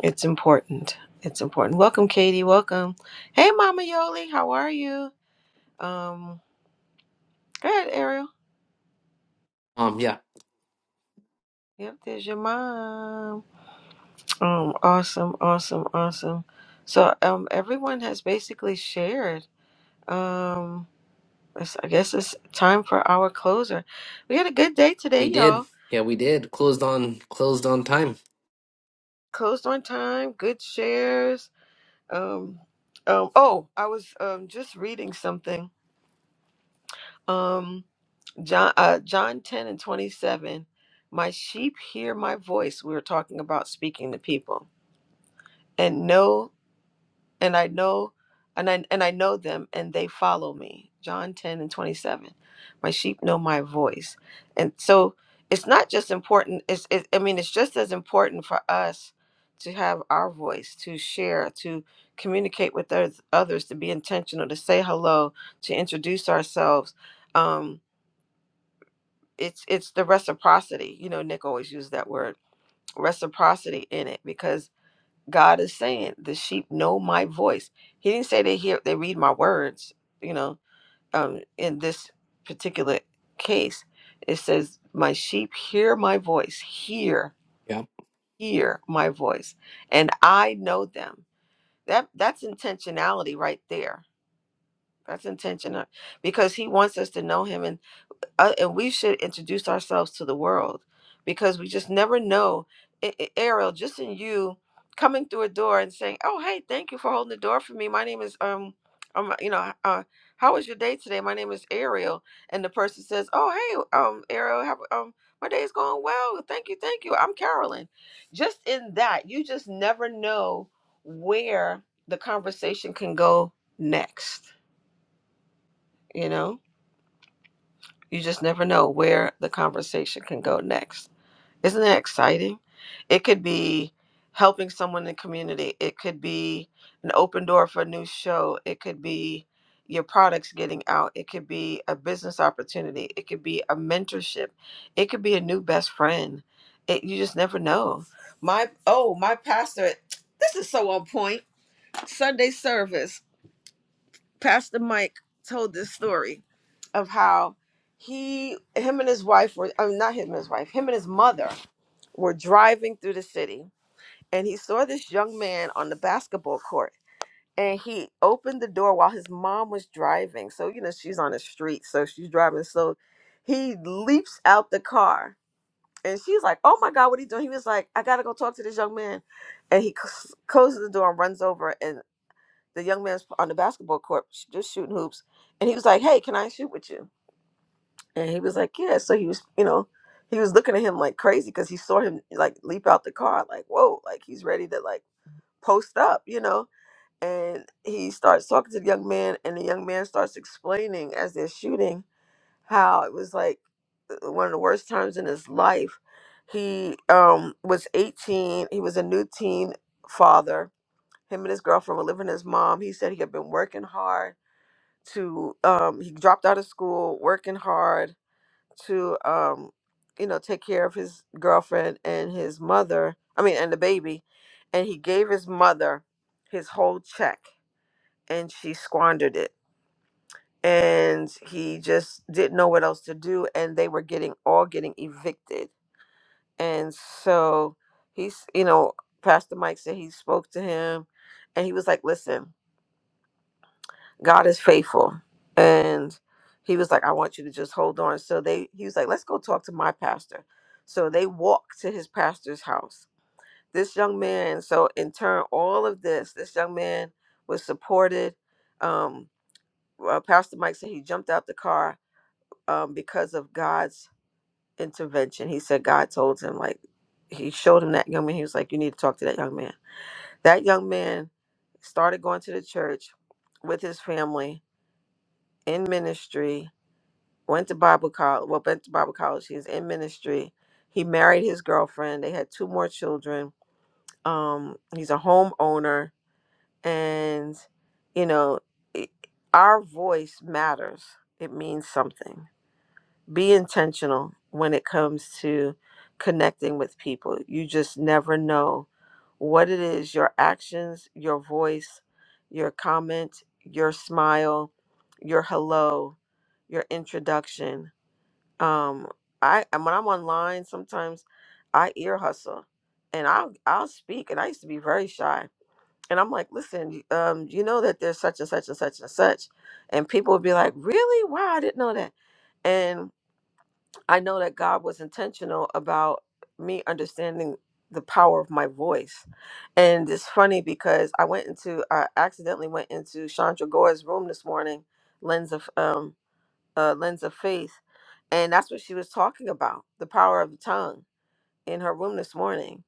it's important. It's important. Welcome, Katie. Welcome. Hey, Mama Yoli. How are you? Um, Go ahead, Ariel. Um, yeah, Yep, there's your mom. Um, awesome, awesome, awesome. So, um, everyone has basically shared. Um, it's, I guess it's time for our closer. We had a good day today, we did. y'all. Yeah, we did. Closed on closed on time. Closed on time. Good shares. Um, um. Oh, I was um just reading something. Um, John, uh, John ten and twenty seven. My sheep hear my voice. We were talking about speaking to people and know and I know and I and I know them and they follow me. John 10 and 27. My sheep know my voice. And so it's not just important it's it, I mean it's just as important for us to have our voice, to share, to communicate with others, others to be intentional, to say hello, to introduce ourselves. Um it's it's the reciprocity. You know, Nick always used that word, reciprocity in it because God is saying the sheep know my voice. He didn't say they hear they read my words, you know. Um in this particular case, it says my sheep hear my voice, hear, Yeah, hear my voice, and I know them. That that's intentionality right there. That's intentional because he wants us to know him and uh, and we should introduce ourselves to the world because we just never know. A- A- Ariel, just in you coming through a door and saying, "Oh, hey, thank you for holding the door for me. My name is um, um, you know, uh, how was your day today? My name is Ariel." And the person says, "Oh, hey, um, Ariel, how, um, my day's going well. Thank you, thank you. I'm Carolyn." Just in that, you just never know where the conversation can go next. You know you just never know where the conversation can go next. Isn't that exciting? It could be helping someone in the community, it could be an open door for a new show, it could be your products getting out, it could be a business opportunity, it could be a mentorship, it could be a new best friend. It, you just never know. My oh, my pastor, this is so on point. Sunday service. Pastor Mike told this story of how he, him and his wife were, I mean, not him and his wife, him and his mother were driving through the city. And he saw this young man on the basketball court. And he opened the door while his mom was driving. So, you know, she's on the street. So she's driving. So he leaps out the car. And she's like, oh my God, what are you doing? He was like, I got to go talk to this young man. And he c- closes the door and runs over the young man's on the basketball court sh- just shooting hoops and he was like hey can i shoot with you and he was like yeah so he was you know he was looking at him like crazy because he saw him like leap out the car like whoa like he's ready to like post up you know and he starts talking to the young man and the young man starts explaining as they're shooting how it was like uh, one of the worst times in his life he um was 18 he was a new teen father him and his girlfriend were living with his mom he said he had been working hard to um he dropped out of school working hard to um you know take care of his girlfriend and his mother i mean and the baby and he gave his mother his whole check and she squandered it and he just didn't know what else to do and they were getting all getting evicted and so he's you know pastor mike said he spoke to him and he was like listen God is faithful. And he was like, I want you to just hold on. So they he was like, Let's go talk to my pastor. So they walked to his pastor's house. This young man, so in turn, all of this, this young man was supported. Um, uh, Pastor Mike said he jumped out the car um, because of God's intervention. He said God told him, like, he showed him that young man. He was like, You need to talk to that young man. That young man started going to the church with his family in ministry went to Bible college. Well, went to Bible college. He's in ministry. He married his girlfriend. They had two more children. Um, he's a homeowner, and you know, i our voice matters. It means something. Be intentional when it comes to connecting with people. You just never know what it is. Your actions, your voice, your comment, your smile, your hello, your introduction um i and when i'm online sometimes i ear hustle and i'll i'll speak and i used to be very shy and i'm like listen um you know that there's such and such and such and such and people would be like really wow i didn't know that and i know that god was intentional about me understanding the power of my voice and it's funny because i went into i accidentally went into chandra gore's room this morning lens of um, uh, lens of faith. And that's what she was talking about the power of the tongue in her room this morning.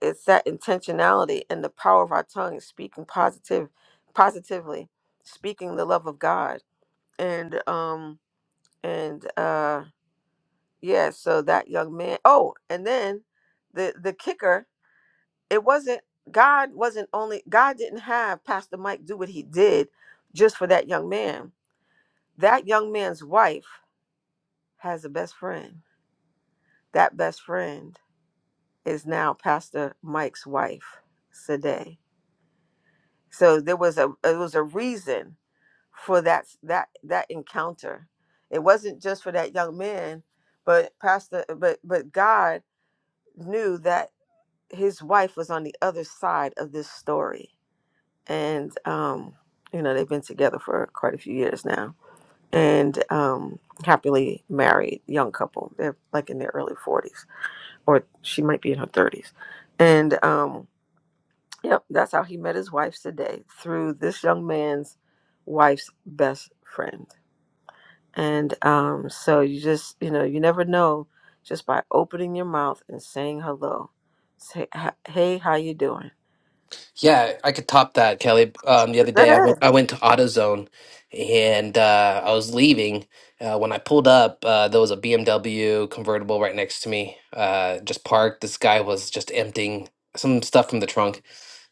It's that intentionality and the power of our tongue, speaking positive, positively, speaking the love of God. And, um, and, uh, yeah, so that young man, oh, and then the, the kicker, it wasn't, God wasn't only, God didn't have Pastor Mike do what he did just for that young man. That young man's wife has a best friend That best friend is now Pastor Mike's wife, Sade. So there was a it was a reason for that that that encounter. It wasn't just for that young man, but Pastor but but God knew that his wife was on the other side of this story. And um, you know, they've been together for quite a few years now. And um happily married young couple. They're like in their early 40s or she might be in her 30s. And um, yep, that's how he met his wife today through this young man's wife's best friend. And um, so you just, you know, you never know just by opening your mouth and saying hello. Say, "Ha- hey, how you doing? yeah, I could top that, Kelly. Um, the other day I went Good. I went to AutoZone, and uh, I was leaving. Uh, when I pulled up, uh, there was a BMW convertible right next to me, uh, just parked. This guy was just emptying some stuff from the trunk,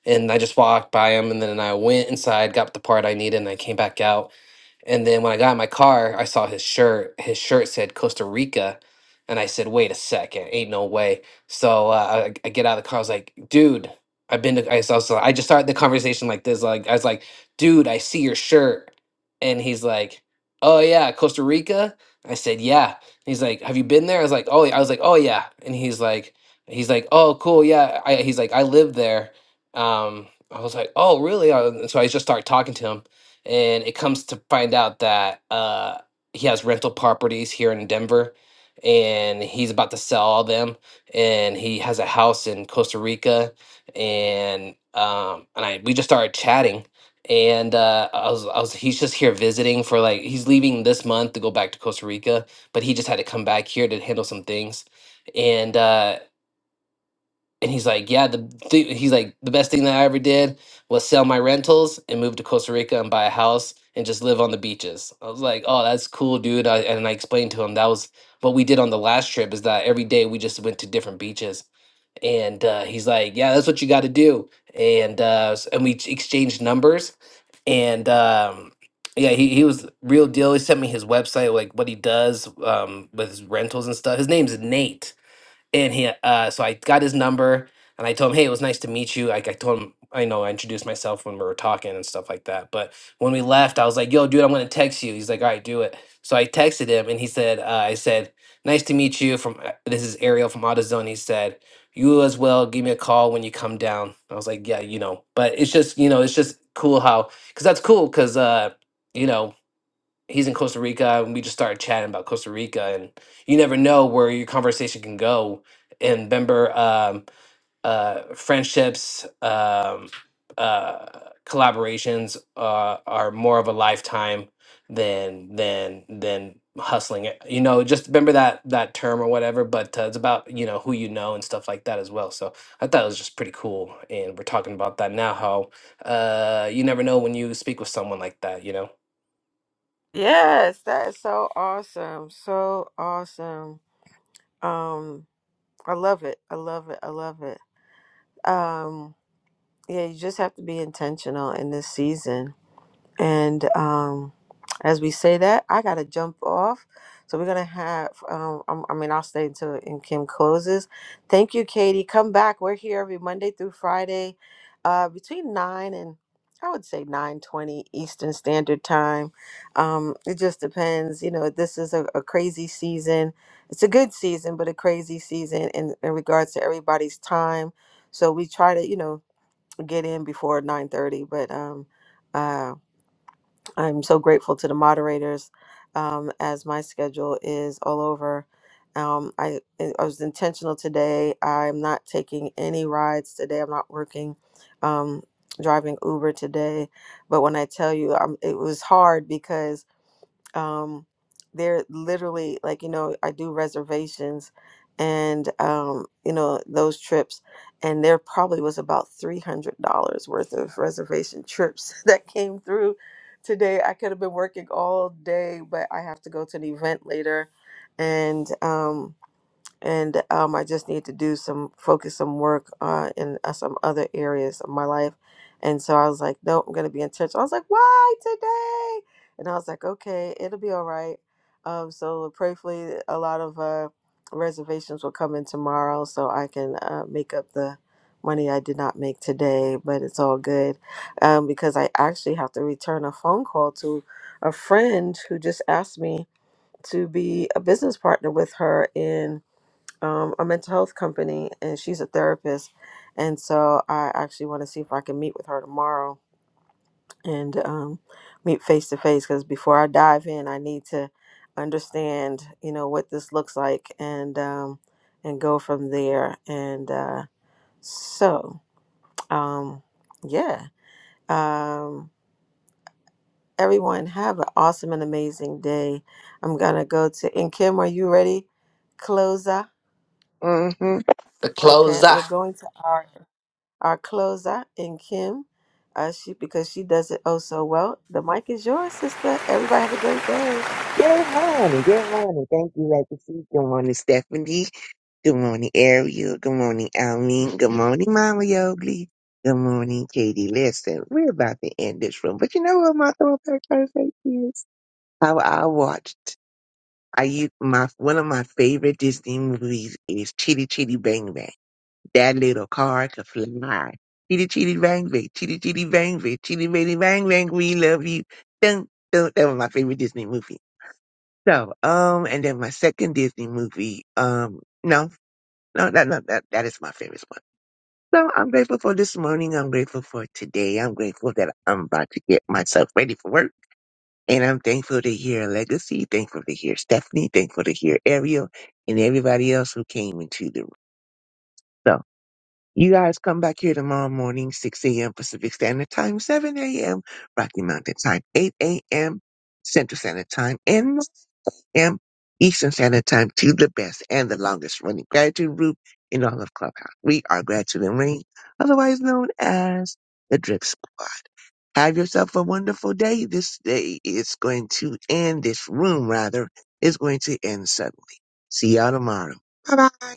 and I just walked by him, and then I went inside, got the part I needed, and I came back out And then when I got in my car, I saw his shirt. His shirt said Costa Rica. And I said, wait a second, ain't no way. So uh, I, I get out of the car. I was like, dude, I've been to, I, so, so I just started the conversation like this. Like, I was like, dude, I see your shirt. And he's like, oh yeah, Costa Rica? I said, yeah. And he's like, have you been there? I was like, oh, yeah." I was like, oh yeah. And he's like, he's like, oh, cool. Yeah. I, he's like, I live there. Um, I was like, oh, really? Uh, and so I just started talking to him and it comes to find out that uh, he has rental properties here in Denver, and he's about to sell all them, and he has a house in Costa Rica, and um, and I we just started chatting, and uh, I was I was he's just here visiting for like he's leaving this month to go back to Costa Rica, but he just had to come back here to handle some things, and. Uh, and he's like, yeah, the th- he's like the best thing that I ever did was sell my rentals and move to Costa Rica and buy a house and just live on the beaches. I was like, oh, that's cool, dude. I, and I explained to him that was what we did on the last trip is that every day we just went to different beaches. And uh, he's like, yeah, that's what you got to do. And uh, s- and we ex- exchanged numbers. And um, yeah, he, he was real deal. He sent me his website, like what he does um, with his rentals and stuff. His name's Nate and he uh so i got his number and i told him hey it was nice to meet you like i told him i know i introduced myself when we were talking and stuff like that but when we left i was like yo dude i'm gonna text you he's like all right do it so i texted him and he said uh, i said nice to meet you from uh, this is ariel from autozone he said you as well give me a call when you come down i was like yeah you know but it's just you know it's just cool how because that's cool because uh you know he's in Costa Rica, and we just started chatting about Costa Rica, and you never know where your conversation can go. And remember, um, uh, friendships, um, uh, collaborations uh, are more of a lifetime than than than hustling it. You know, just remember that that term or whatever. But uh, it's about you know who you know and stuff like that as well. So I thought it was just pretty cool, and we're talking about that now. How uh, you never know when you speak with someone like that. You know. Yes, that is so awesome. So awesome. Um, I love it. I love it. I love it. Um, yeah, you just have to be intentional in this season And um, as we say that, I gotta jump off. So we're gonna have. Um, I'm- I mean, I'll stay until and Kim closes. Thank you, Katie. Come back. We're here every Monday through Friday, uh, between nine and I would say nine twenty Eastern Standard Time. Um, it just depends. You know, this is a, a crazy season. It's a good season, but a crazy season in, in regards to everybody's time. So we try to, you know, get in before nine thirty, but um. uh, I'm so grateful to the moderators, um, as my schedule is all over. Um, I I was intentional today. I'm not taking any rides today. I'm not working, um, driving Uber today. But when I tell you, um, it was hard because um they're literally like you know i do reservations and um you know those trips and there probably was about $300 worth of reservation trips that came through today i could have been working all day but i have to go to an event later and um and um, I just need to do some focus some work uh, in uh, some other areas of my life. And so I was like, nope, I'm gonna be in church. I was like, why today? And I was like, okay, it'll be all right. Um, so prayerfully, a lot of uh, reservations will come in tomorrow, so I can uh, make up the money I did not make today. But it's all good um, because I actually have to return a phone call to a friend who just asked me to be a business partner with her in um, a mental health company and she's a therapist. And so I actually want to see if I can meet with her tomorrow and um, meet face to face because before I dive in, I need to understand, you know, what this looks like and um, and go from there. And uh, so, um, yeah. Um, everyone have an awesome and amazing day. I'm gonna go to and Kim, are you ready? Closer. Mm-hmm. The Okay, closer. we're going to our our closer and Kim, uh, she because she does it oh so well. The mic is yours, sister. Everybody have a great day. Good morning. Good morning. Thank you, Legacy. Good morning, Stephanie. Good morning, Ariel. Good morning, Almin. Good morning, Mama Yogli. Good morning, Katie. Listen, we're about to end this room, but you know what my throwback Thursday is? How I watched. I used my one of my favorite Disney movies is Chitty Chitty Bang Bang. That little car could fly. Chitty Chitty Bang Bang, Chitty Chitty Bang Bang, Chitty Bitty Bang Bang. We love you. Dun, dun. That was my favorite Disney movie. So, um, and then my second Disney movie, um, no. No, that, no, that, that is my favorite one. So I'm grateful for this morning. I'm grateful for today. I'm grateful that I'm about to get myself ready for work. And I'm thankful to hear Legacy, thankful to hear Stephanie, thankful to hear Ariel and everybody else who came into the room. So you guys come back here tomorrow morning, 6 a.m. Pacific Standard Time, 7 a.m. Rocky Mountain Time, 8 a.m. Central Standard Time, and a.m. Eastern Standard Time to the best and the longest running gratitude group in all of Clubhouse. We are Gratitude and Rain, otherwise known as the Drip Squad. Have yourself a wonderful day. This day is going to end, this room rather, is going to end suddenly. See y'all tomorrow. Bye bye.